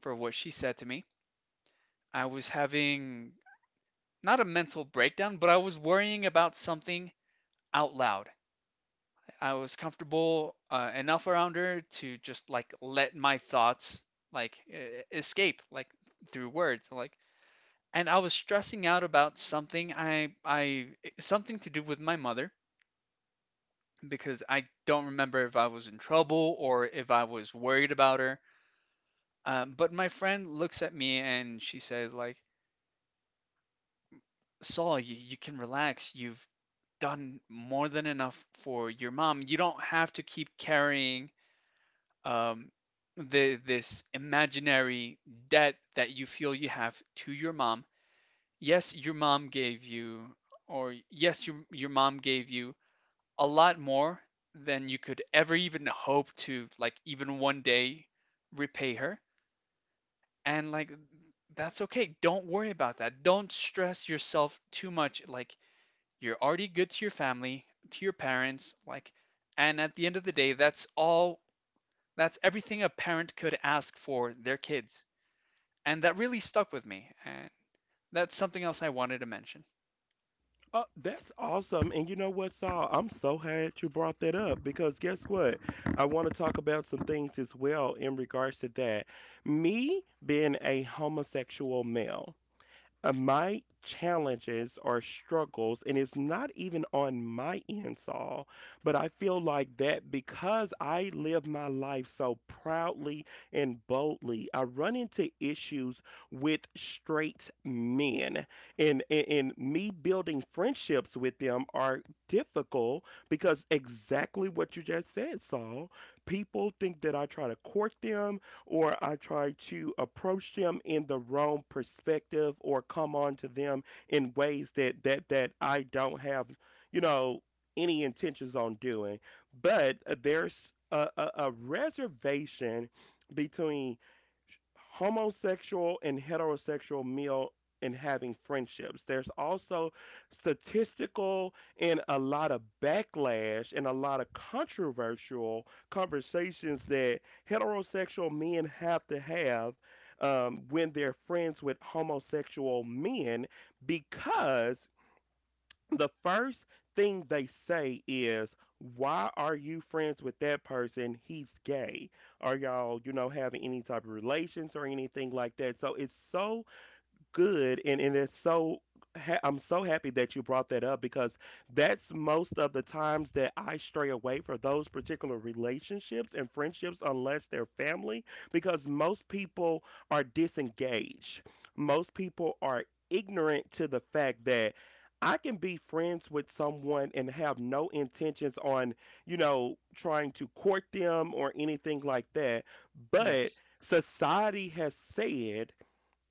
[SPEAKER 2] for what she said to me. I was having not a mental breakdown, but I was worrying about something out loud. I was comfortable uh, enough around her to just like let my thoughts like e- escape like through words like, and I was stressing out about something, I I something to do with my mother because I don't remember if I was in trouble or if I was worried about her. Um, but my friend looks at me and she says, like, Saul, you, you can relax. You've done more than enough for your mom. You don't have to keep carrying, um, the this imaginary debt that you feel you have to your mom. Yes, your mom gave you, or yes, your your mom gave you a lot more than you could ever even hope to, like, even one day repay her. And like that's okay. Don't worry about that. Don't stress yourself too much. Like you're already good to your family, to your parents, like, and at the end of the day, that's all, that's everything a parent could ask for their kids. And that really stuck with me. And that's something else I wanted to mention.
[SPEAKER 1] Uh, that's awesome. And you know what, Saul? I'm so glad you brought that up because guess what? I want to talk about some things as well in regards to that. Me being a homosexual male. Uh, my challenges or struggles, and it's not even on my end, Saul, but I feel like that because I live my life so proudly and boldly, I run into issues with straight men, and, and, and me building friendships with them are difficult because exactly what you just said, Saul. People think that I try to court them or I try to approach them in the wrong perspective or come on to them in ways that that that I don't have, you know, any intentions on doing. But uh, there's a, a, a reservation between homosexual and heterosexual male and having friendships. There's also statistical and a lot of backlash and a lot of controversial conversations that heterosexual men have to have um, when they're friends with homosexual men because the first thing they say is, "Why are you friends with that person? He's gay. Are y'all, you know, having any type of relations or anything like that?" So it's so good, and and it's so ha- I'm so happy that you brought that up because that's most of the times that I stray away for those particular relationships and friendships unless they're family because most people are disengaged. Most people are ignorant to the fact that I can be friends with someone and have no intentions on, you know, trying to court them or anything like that. But
[SPEAKER 2] Yes.
[SPEAKER 1] society has said,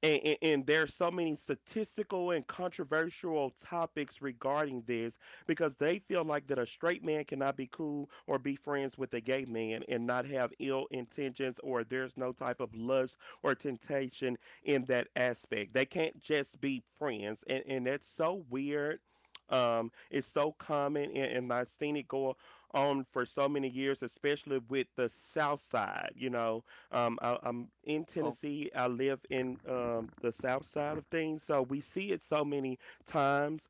[SPEAKER 1] and, and, and there so many statistical and controversial topics regarding this because they feel like that a straight man cannot be cool or be friends with a gay man and not have ill intentions or there's no type of lust or temptation in that aspect. They can't just be friends, and, and that's so weird. Um, it's so common, and, and I've seen it go on for so many years, especially with the South Side. You know, um, I, I'm in
[SPEAKER 2] Oh,
[SPEAKER 1] Tennessee. I live in um, the south side of things, so we see it so many times.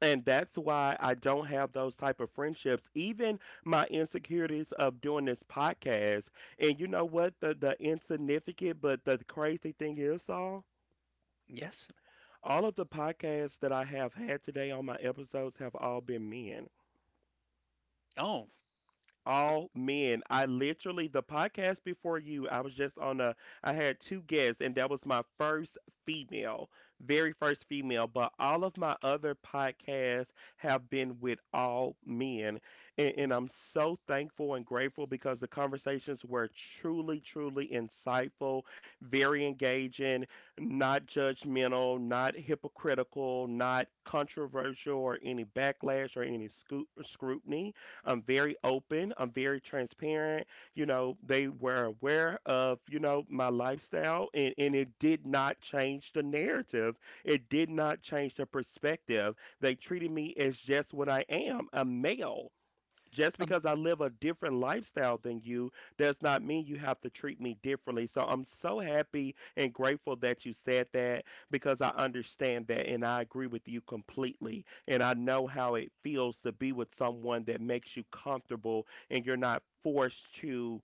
[SPEAKER 1] And that's why I don't have those type of friendships. Even my insecurities of doing this podcast. And you know what? The the insignificant, but the crazy thing is, all
[SPEAKER 2] yes.
[SPEAKER 1] all of the podcasts that I have had today on my episodes have all been men.
[SPEAKER 2] Oh,
[SPEAKER 1] All men. I literally the podcast before you, I was just on a I had two guests, and that was my first female, very first female, but all of my other podcasts have been with all men. And, and I'm so thankful and grateful because the conversations were truly, truly insightful, very engaging, not judgmental, not hypocritical, not controversial or any backlash or any scoot, scrutiny. I'm very open, I'm very transparent. You know, they were aware of, you know, my lifestyle, and, and it did not change the narrative. It did not change the perspective. They treated me as just what I am, a male. Just
[SPEAKER 2] um,
[SPEAKER 1] because I live a different lifestyle than you does not mean you have to treat me differently. So I'm so happy and grateful that you said that because I understand that and I agree with you completely. And I know how it feels to be with someone that makes you comfortable and you're not forced to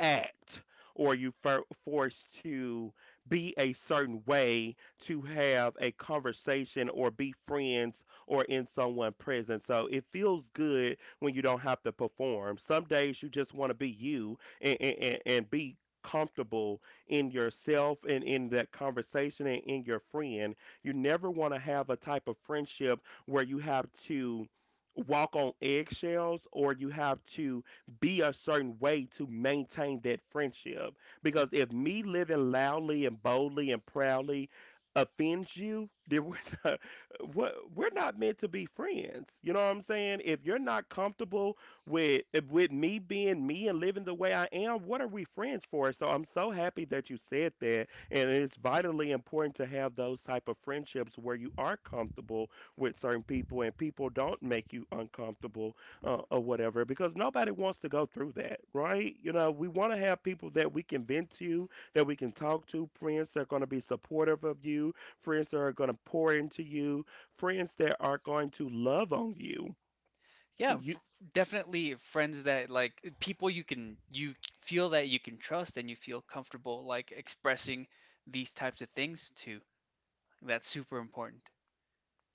[SPEAKER 1] act or you for forced to be a certain way to have a conversation or be friends or in someone's presence. So it feels good when you don't have to perform. Some days you just want to be you, and, and, and and be comfortable in yourself and in that conversation and in your friend. You never want to have a type of friendship where you have to walk on eggshells or you have to be a certain way to maintain that friendship.
[SPEAKER 2] y-
[SPEAKER 1] Because if me living loudly and boldly and proudly offends you, then we're not, we're we're not meant to be friends. You know what I'm saying? If you're not comfortable with with me being me and living the way I am, what are we friends for? So I'm so happy that you said that, and it's vitally important to have those type of friendships where you are comfortable with certain people and people don't make you uncomfortable uh, or whatever because nobody wants to go through that, right? You know, we want to have people that we can vent to, that we can talk to, friends that are going to be supportive of you, friends that are going to pour into you, friends that are going to love on you.
[SPEAKER 2] yeah,
[SPEAKER 1] You
[SPEAKER 2] f definitely friends that like people you can you feel that you can trust and you feel comfortable like expressing these types of things to. That's super important.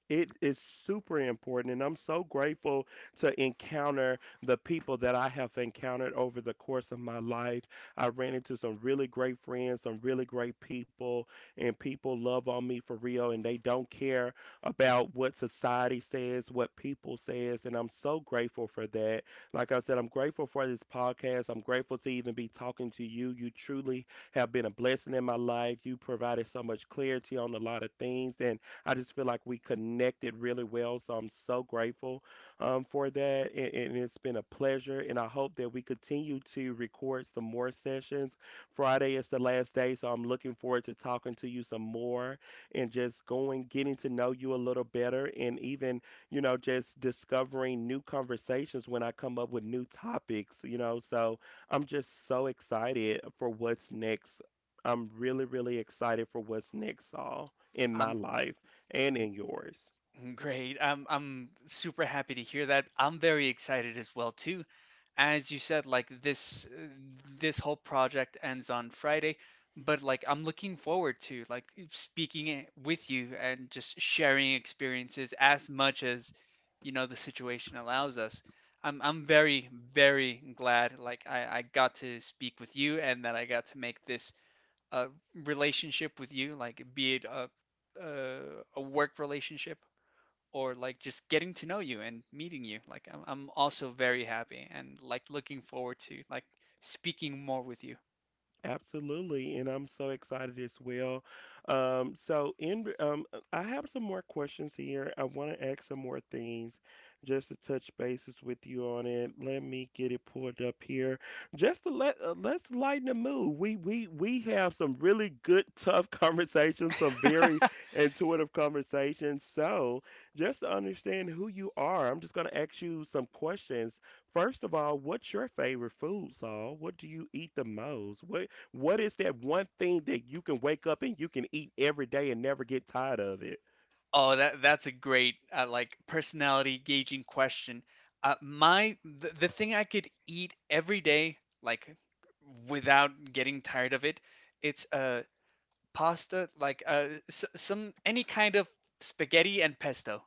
[SPEAKER 1] it is super important, and I'm so grateful to encounter the people that I have encountered over the course of my life. I ran into some really great friends, some really great people, and people love on me for real, and they don't care about what society says, what people says, and I'm so grateful for that. Like I said, I'm grateful for this podcast. I'm grateful to even be talking to you. You truly have been a blessing in my life. You provided so much clarity on a lot of things, and I just feel like we connected really well. So I'm so grateful um, for that. And, and it's been a pleasure. And I hope that we continue to record some more sessions. Friday is the last day. So I'm looking forward to talking to you some more and just going, getting to know you a little better. And even, you know, just discovering new conversations when I come up with new topics, you know. So I'm just so excited for what's next. I'm really, really excited for what's next, all in my
[SPEAKER 2] Um,
[SPEAKER 1] life and in yours.
[SPEAKER 2] Great. I'm I'm super happy to hear that. I'm very excited as well too. As you said, like this uh, this whole project ends on Friday, but like I'm looking forward to like speaking it with you and just sharing experiences as much as you know the situation allows us. I'm I'm very very glad like I I got to speak with you and that I got to make this uh relationship with you, like be it a a, a work relationship or like just getting to know you and meeting you. Like I'm, I'm also very happy and like looking forward to like speaking more with you.
[SPEAKER 1] Absolutely, and I'm so excited as well. Um, so, in um, uh, I have some more questions here. I want to ask some more things, just to touch bases with you on it. Let me get it pulled up here, just to let uh, let's lighten the mood. We we we have some really good, tough conversations, some very intuitive conversations. So, just to understand who you are, I'm just going to ask you some questions. First of all, what's your favorite food, Saul? What do you eat the most? What what is that one thing that you can wake up and you can eat every day and never get tired of it?
[SPEAKER 2] Oh, that that's a great uh, like personality gauging question. Uh, my the, the thing I could eat every day like without getting tired of it, it's uh pasta like uh s some any kind of spaghetti and pesto.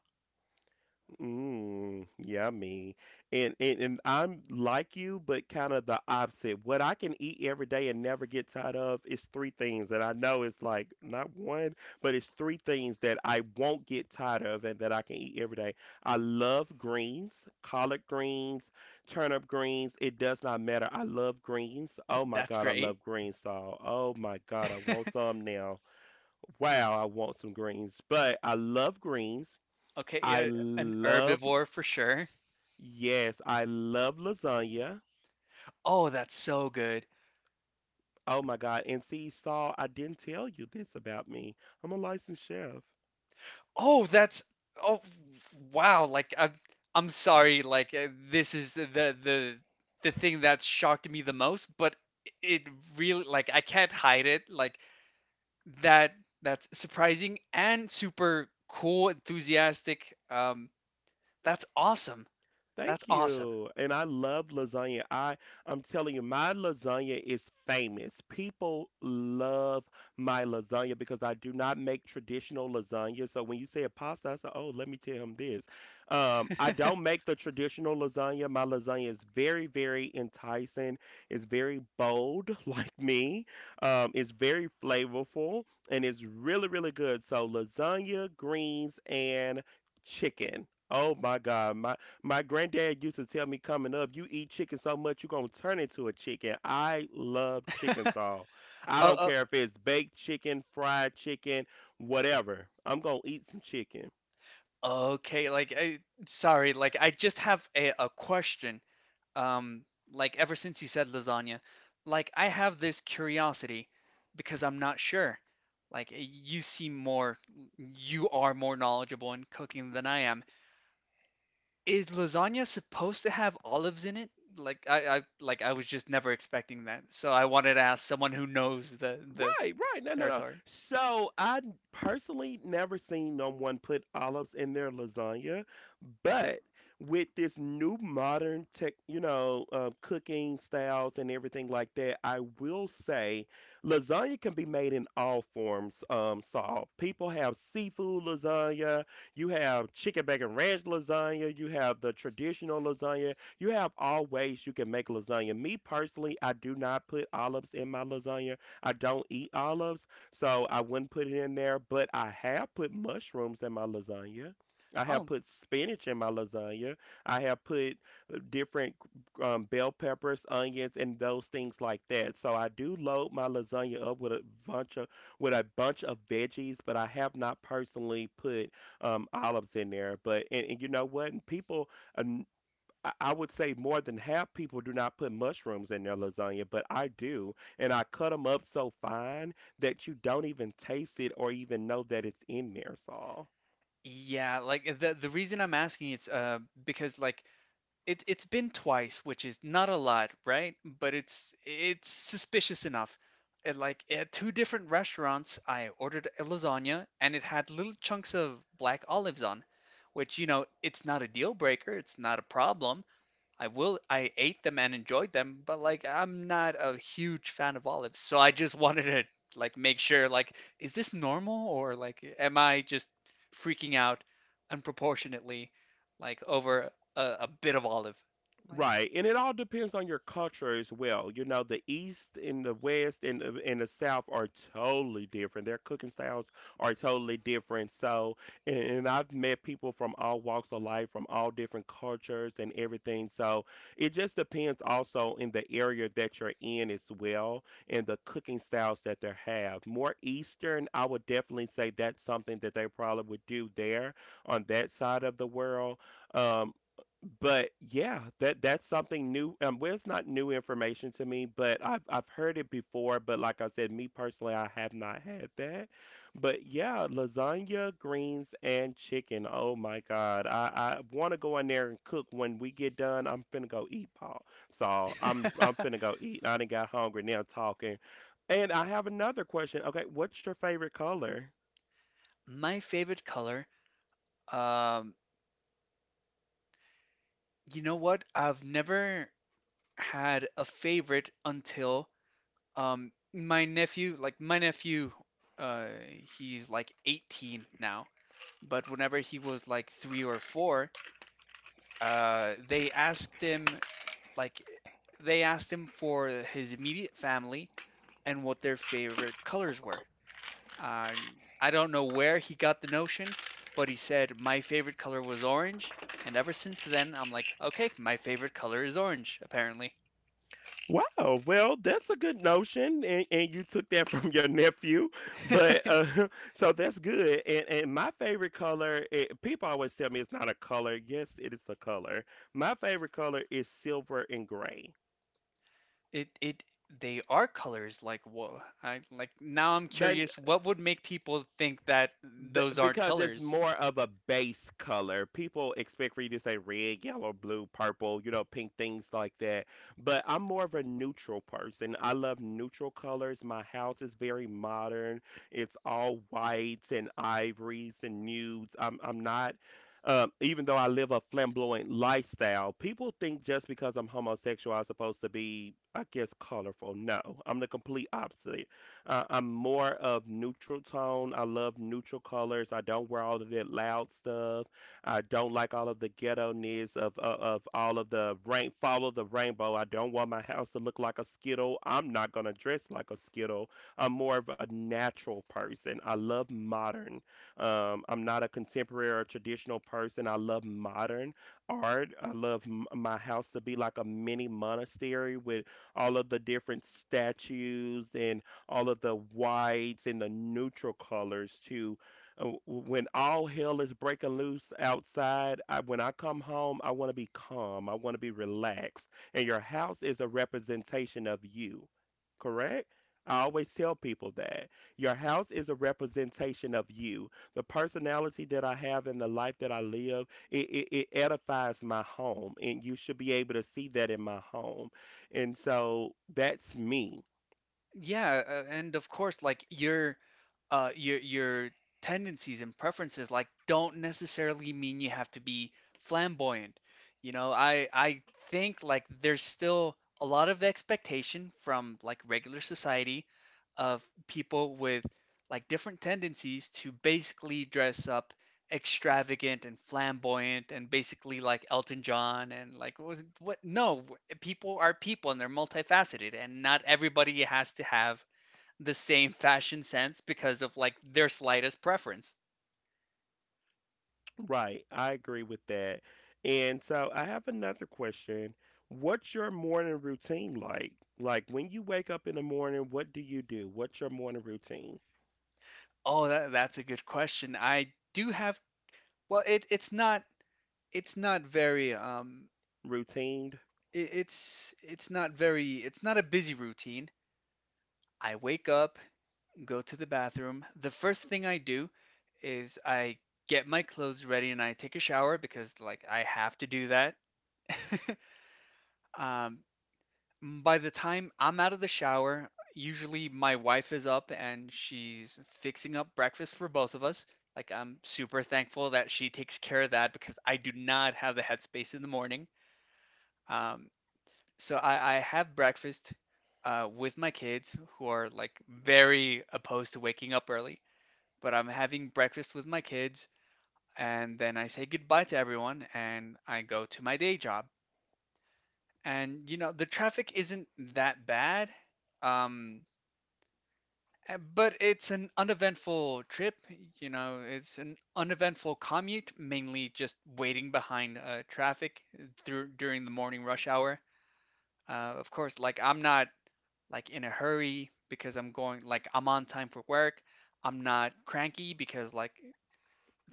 [SPEAKER 1] Mm, yummy. And, and and I'm like you, but kind of the opposite. What I can eat every day and never get tired of is three things. And I know it's like not one, but it's three things that I won't get tired of and that I can eat every day. I love greens, collard greens, turnip greens. It does not matter. I love greens. Oh my
[SPEAKER 2] That's
[SPEAKER 1] God, I
[SPEAKER 2] great.
[SPEAKER 1] love green Saul. Oh my God, I want some now. Wow, I want some greens, but I love greens.
[SPEAKER 2] Okay,
[SPEAKER 1] I
[SPEAKER 2] yeah, an
[SPEAKER 1] love,
[SPEAKER 2] herbivore for sure.
[SPEAKER 1] yes, I love lasagna.
[SPEAKER 2] Oh, that's so good.
[SPEAKER 1] Oh my God. And see, Saul, I didn't tell you this about me. I'm a licensed chef.
[SPEAKER 2] Oh, that's oh wow, like I'm I'm sorry, like uh, this is the the the thing that shocked me the most, but it really like I can't hide it. Like that that's surprising and super cool, enthusiastic. Um that's awesome. That's
[SPEAKER 1] Thank
[SPEAKER 2] awesome.
[SPEAKER 1] you. And I love lasagna. I I'm telling you, my lasagna is famous. People love my lasagna because I do not make traditional lasagna. So when you say a pasta, I say, oh, let me tell him this. Um, I don't make the traditional lasagna. My lasagna is very, very enticing. It's very bold, like me. Um, it's very flavorful and it's really, really good. So lasagna, greens, and chicken. Oh my God, my my granddad used to tell me coming up, you eat chicken so much you're gonna turn into a chicken. I love chicken all. I don't
[SPEAKER 2] Uh,
[SPEAKER 1] care if it's baked chicken, fried chicken, whatever. I'm gonna eat some chicken.
[SPEAKER 2] uh okay, like I, sorry, like I just have a, a question. um, like ever since you said lasagna, like I have this curiosity because I'm not sure. Like you seem more, you are more knowledgeable in cooking than I am. Is lasagna supposed to have olives in it? Like I, I like I was just never expecting that. So I wanted to ask someone who knows the the
[SPEAKER 1] Right, right. No, no, no.
[SPEAKER 2] territory.
[SPEAKER 1] So I n- personally never seen no one put olives in their lasagna, but with this new modern tech, you know, uh, cooking styles and everything like that, I will say lasagna can be made in all forms. Um, so uh, people have seafood lasagna, you have chicken bacon ranch lasagna, you have the traditional lasagna. You have all ways you can make lasagna. Me personally, I do not put olives in my lasagna. I don't eat olives, so I wouldn't put it in there, but I have put mushrooms in my lasagna. I have
[SPEAKER 2] Oh,
[SPEAKER 1] put spinach in my lasagna. I have put uh, different um, bell peppers, onions, and those things like that. So I do load my lasagna up with a bunch of with a bunch of veggies, but I have not personally put um, olives in there. But and, and you know what? People uh, I I would say more than half people do not put mushrooms in their lasagna, but I do, and I cut them up so fine that you don't even taste it or even know that it's in there, Saul.
[SPEAKER 2] yeah, like the the reason I'm asking it's uh because like it it's been twice, which is not a lot, right? But it's it's suspicious enough. It, like at two different restaurants, I ordered a lasagna and it had little chunks of black olives on, which you know, it's not a deal breaker, it's not a problem, I will I ate them and enjoyed them, but like I'm not a huge fan of olives. So I just wanted to like make sure like is this normal or like am I just freaking out unproportionately like over a, a bit of olive? Like
[SPEAKER 1] Right, and it all depends on your culture as well. You know, the East and the West and the, and the South are totally different. Their cooking styles are totally different. So, and, and I've met people from all walks of life, from all different cultures and everything. So, it just depends also in the area that you're in as well and the cooking styles that they have. More Eastern, I would definitely say that's something that they probably would do there on that side of the world. Um, but yeah, that that's something new. Um, well, it's not new information to me, but I've I've heard it before. But like I said, me personally, I have not had that. But yeah, lasagna, greens, and chicken. Oh my God, I I want to go in there and cook. When we get done, I'm finna go eat, Paul. So I'm I'm finna go eat. I done got hungry now talking. And I have another question. Okay, what's your favorite color?
[SPEAKER 2] my favorite color um you know what? I've never had a favorite until Um, my nephew, like my nephew, uh, he's like eighteen now, but whenever he was like three or four, uh, they asked him like they asked him for his immediate family and what their favorite colors were. Uh, I don't know where he got the notion, but he said my favorite color was orange, and ever since then I'm like, okay, my favorite color is orange, apparently.
[SPEAKER 1] Wow, well, that's a good notion, and, and you took that from your nephew, but uh, so that's good. And and my favorite color, it, people always tell me it's not a color. Yes, it is a color. My favorite color is silver and gray.
[SPEAKER 2] It it they are colors like whoa. I like now I'm
[SPEAKER 1] Then
[SPEAKER 2] curious what would make people think that
[SPEAKER 1] Th-
[SPEAKER 2] those aren't
[SPEAKER 1] because it's
[SPEAKER 2] colors?
[SPEAKER 1] more of a base color. People expect for you to say red, yellow, blue, purple, you know, pink, things like that. But I'm more of a neutral person. I love neutral colors. My house is very modern. It's all whites and ivories and nudes. I'm I'm not um, even though I live a flamboyant lifestyle, people think just because I'm homosexual, I'm supposed to be, I guess, colorful. No, I'm the complete opposite. Uh, I'm more of neutral tone. I love neutral colors. I don't wear all of that loud stuff. I don't like all of the ghetto ness of, of of all of the rain. Follow the rainbow. I don't want my house to look like a skittle. I'm not gonna dress like a skittle. I'm more of a natural person. I love modern. Um, I'm not a contemporary or traditional person. I love modern art. I love m- my house to be like a mini monastery with all of the different statues and all of the whites and the neutral colors to uh, when all hell is breaking loose outside. I, when I come home, I want to be calm, I want to be relaxed. And your house is a representation of you, correct? I always tell people that your house is a representation of you. The personality that I have and the life that I live, it, it, it edifies my home, and you should be able to see that in my home. And so that's me.
[SPEAKER 2] Yeah, uh, and of course, like your uh your your tendencies and preferences like don't necessarily mean you have to be flamboyant. You know, I I think like there's still a lot of expectation from like regular society of people with like different tendencies to basically dress up extravagant and flamboyant and basically like Elton John and like what, what no people are people and they're multifaceted and not everybody has to have the same fashion sense because of like their slightest preference.
[SPEAKER 1] Right, I agree with that. And so I have another question. What's your morning routine like? Like when you wake up in the morning, what do you do? What's your morning routine?
[SPEAKER 2] Oh, that, that's a good question. I do have well it it's not it's not very um
[SPEAKER 1] Routine?
[SPEAKER 2] it, it's it's not very it's not a busy routine. I wake up, go to the bathroom. The first thing I do is I get my clothes ready and I take a shower because like I have to do that. um, Mm, by the time I'm out of the shower, usually my wife is up and she's fixing up breakfast for both of us. Like, I'm super thankful that she takes care of that because I do not have the headspace in the morning. Um, so I, I have breakfast uh, with my kids who are like very opposed to waking up early, but I'm having breakfast with my kids and then I say goodbye to everyone and I go to my day job. And you know, the traffic isn't that bad. Um, Uh, But it's an uneventful trip, you know, it's an uneventful commute, mainly just waiting behind uh, traffic eh, through during the morning rush hour. Uh, of course, like I'm not like in a hurry because I'm going like I'm on time for work. I'm not cranky because like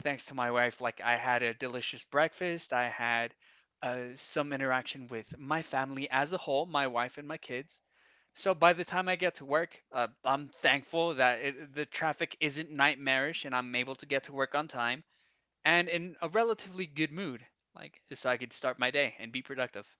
[SPEAKER 2] thanks to my wife, like I had a delicious breakfast. I had uh, some interaction with my family as a whole, my wife and my kids. So by the time I get to work, uh, I'm thankful that it, the traffic isn't nightmarish and I'm able to get to work on time and in a relatively good mood, like so I could start my day and be productive.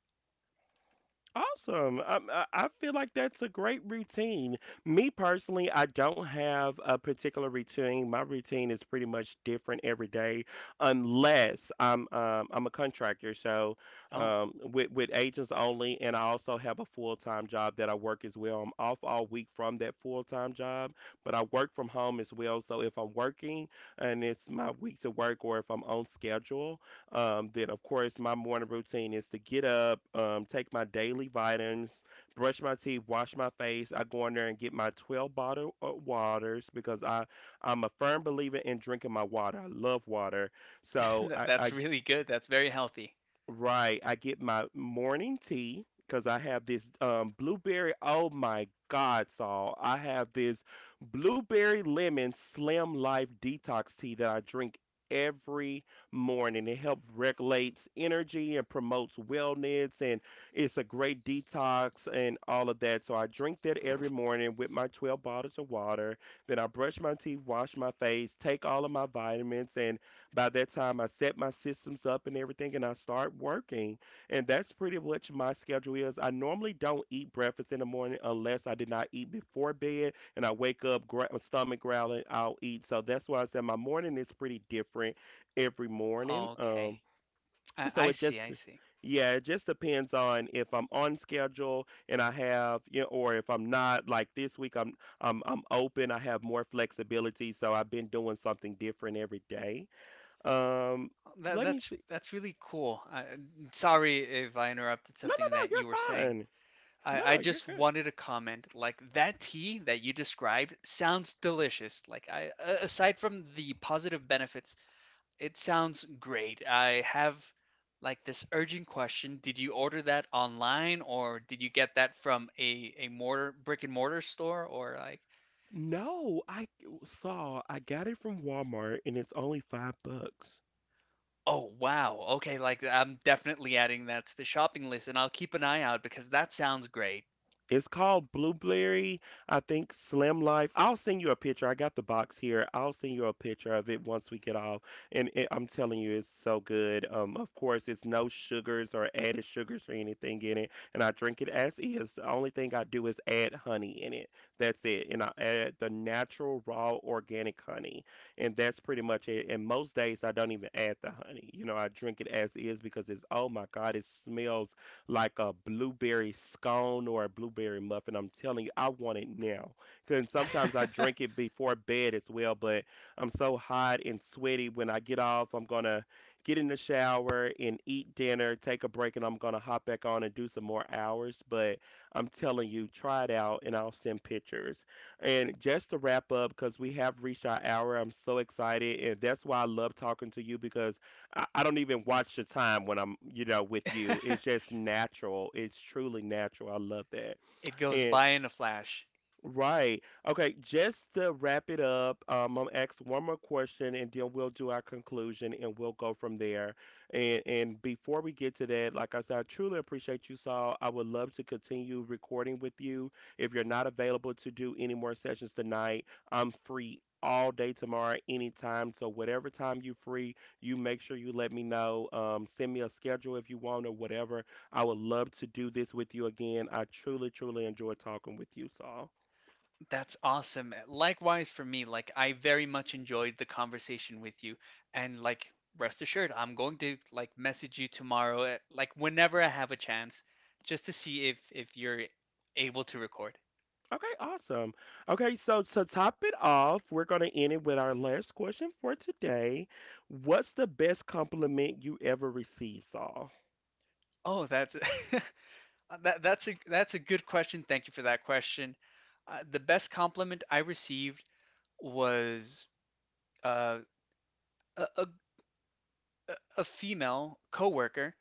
[SPEAKER 1] Awesome. Um, I, I feel like that's a great routine. Me personally, I don't have a particular routine. My routine is pretty much different every day, unless I'm um, I'm a contractor, so
[SPEAKER 2] Oh,
[SPEAKER 1] um, with with agents only, and I also have a full time job that I work as well. I'm off all week from that full time job, but I work from home as well. So if I'm working and it's my week to work, or if I'm on schedule. Um, then, of course, my morning routine is to get up, um, take my daily vitamins, brush my teeth, wash my face. I go in there and get my twelve bottle of waters because I, I'm a firm believer in drinking my water. I love water. So
[SPEAKER 2] that-
[SPEAKER 1] I,
[SPEAKER 2] that's
[SPEAKER 1] I
[SPEAKER 2] really good. That's very healthy.
[SPEAKER 1] Right. I get my morning tea because I have this um, blueberry. Oh my God, Saul. I have this blueberry lemon slim life detox tea that I drink every morning. It helps regulates energy and promotes wellness and it's a great detox and all of that. So I drink that every morning with my twelve bottles of water. Then I brush my teeth, wash my face, take all of my vitamins and by that time, I set my systems up and everything, and I start working. And that's pretty much my schedule is. I normally don't eat breakfast in the morning unless I did not eat before bed, and I wake up gra- my stomach growling. I'll eat. So that's why I said my morning is pretty different every morning.
[SPEAKER 2] Okay,
[SPEAKER 1] Um,
[SPEAKER 2] I,
[SPEAKER 1] so
[SPEAKER 2] I
[SPEAKER 1] it just
[SPEAKER 2] see. I see.
[SPEAKER 1] Yeah, it just depends on if I'm on schedule and I have, you know, or if I'm not. Like this week, I'm I'm I'm open. I have more flexibility, so I've been doing something different every day. Um,
[SPEAKER 2] That,
[SPEAKER 1] Let me
[SPEAKER 2] that's
[SPEAKER 1] see.
[SPEAKER 2] that's really cool. I, sorry if I interrupted
[SPEAKER 1] No, no,
[SPEAKER 2] something
[SPEAKER 1] no,
[SPEAKER 2] that
[SPEAKER 1] you're
[SPEAKER 2] you were saying.
[SPEAKER 1] fine. No,
[SPEAKER 2] I,
[SPEAKER 1] no,
[SPEAKER 2] I
[SPEAKER 1] you're
[SPEAKER 2] just
[SPEAKER 1] good.
[SPEAKER 2] wanted to comment. Like that tea that you described sounds delicious. Like I, a- aside from the positive benefits it sounds great. I have like this urgent question. Did you order that online or did you get that from a a mortar brick and mortar store or like
[SPEAKER 1] No, I g- saw I got it from Walmart and it's only five bucks.
[SPEAKER 2] oh wow. Okay, like I'm definitely adding that to the shopping list and I'll keep an eye out because that sounds great.
[SPEAKER 1] It's called Blueberry, I think Slim Life. I'll send you a picture. I got the box here. I'll send you a picture of it once we get off. And it, I'm telling you, it's so good. Um, of course, it's no sugars or added sugars or anything in it. And I drink it as is. The only thing I do is add honey in it. That's it. And I add the natural, raw, organic honey. And that's pretty much it. And most days, I don't even add the honey. You know, I drink it as is because it's, oh my God, it smells like a blueberry scone or a blueberry muffin. I'm telling you, I want it now. And sometimes I drink it before bed as well, but I'm so hot and sweaty when I get off. I'm going to get in the shower and eat dinner, take a break, and I'm going to hop back on and do some more hours. But I'm telling you, try it out and I'll send pictures. And just to wrap up, because we have reached our hour, I'm so excited. And that's why I love talking to you because I, I don't even watch the time when I'm, you know, with you. It's just natural. It's truly natural. I love that.
[SPEAKER 2] It goes
[SPEAKER 1] And
[SPEAKER 2] by in a flash.
[SPEAKER 1] right. Okay. Just to wrap it up, um, I'm ask one more question, and then we'll do our conclusion, and we'll go from there. And and before we get to that, like I said, I truly appreciate you, Saul. I would love to continue recording with you. If you're not available to do any more sessions tonight, I'm free all day tomorrow, anytime. So whatever time you're free, you make sure you let me know. Um, send me a schedule if you want or whatever. I would love to do this with you again. I truly, truly enjoy talking with you, Saul.
[SPEAKER 2] That's awesome. Likewise for me, like I very much enjoyed the conversation with you and like rest assured I'm going to like message you tomorrow eh, like whenever I have a chance just to see if if you're able to record.
[SPEAKER 1] Okay, awesome. Okay, so to top it off, we're going to end it with our last question for today. What's the best compliment you ever received, Saul?
[SPEAKER 2] Oh, that's uh, that that's a that's a good question. Thank you for that question. Uh, the best compliment I received was uh, a, a a female coworker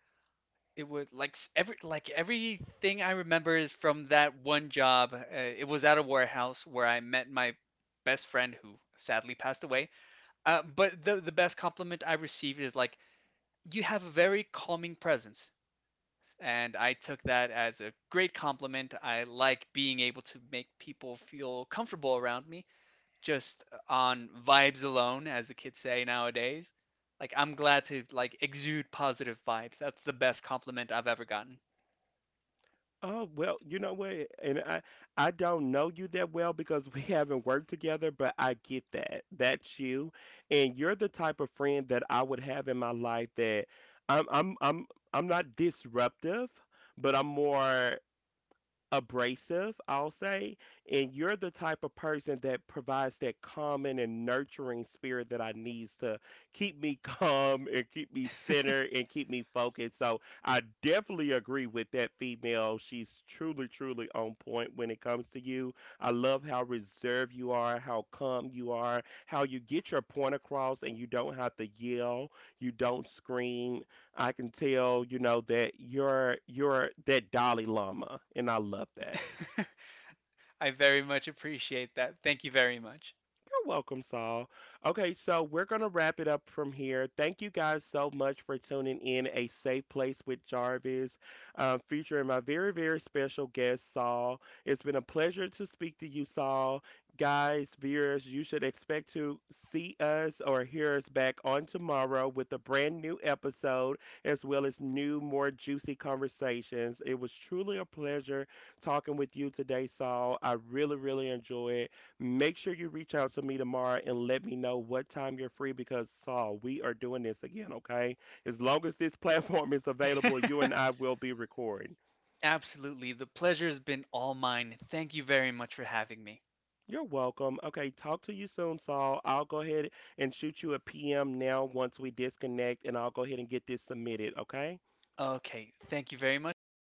[SPEAKER 2] it was like s- every like everything I remember is from that one job. Uh, it was at a warehouse where I met my best friend who sadly passed away. Uh, but the the best compliment I received is like you have a very calming presence, and I took that as a great compliment. I like being able to make people feel comfortable around me just on vibes alone, as the kids say nowadays. Like I'm glad to like exude positive vibes. That's the best compliment I've ever gotten.
[SPEAKER 1] Oh, well, you know what? And I I don't know you that well because we haven't worked together, but I get that. That's you. And you're the type of friend that I would have in my life that I'm I'm I'm I'm not disruptive, but I'm more abrasive, I'll say, and you're the type of person that provides that calming and nurturing spirit that I needs to keep me calm and keep me centered and keep me focused. So I definitely agree with that female. She's truly, truly on point when it comes to you. I love how reserved you are, how calm you are, how you get your point across and you don't have to yell, you don't scream, I can tell, you know, that you're you're that Dalai Lama, and I love that.
[SPEAKER 2] I very much appreciate that. Thank you very much.
[SPEAKER 1] You're welcome, Saul. Okay, so we're going to wrap it up from here. Thank you guys so much for tuning in A Safe Place with Jarvis, um, featuring my very, very special guest, Saul. It's been a pleasure to speak to you, Saul. Guys, viewers, you should expect to see us or hear us back on tomorrow with a brand new episode as well as new, more juicy conversations. It was truly a pleasure talking with you today, Saul. I really, really enjoyed. Make sure you reach out to me tomorrow and let me know what time you're free because, Saul, we are doing this again, okay? As long as this platform is available, you and I will be recording.
[SPEAKER 2] Absolutely. The pleasure's been all mine. Thank you very much for having me.
[SPEAKER 1] You're welcome. Okay, talk to you soon, Saul. I'll go ahead and shoot you a P M now once we disconnect, and I'll go ahead and get this submitted, okay?
[SPEAKER 2] Okay. Thank you very much. Bye.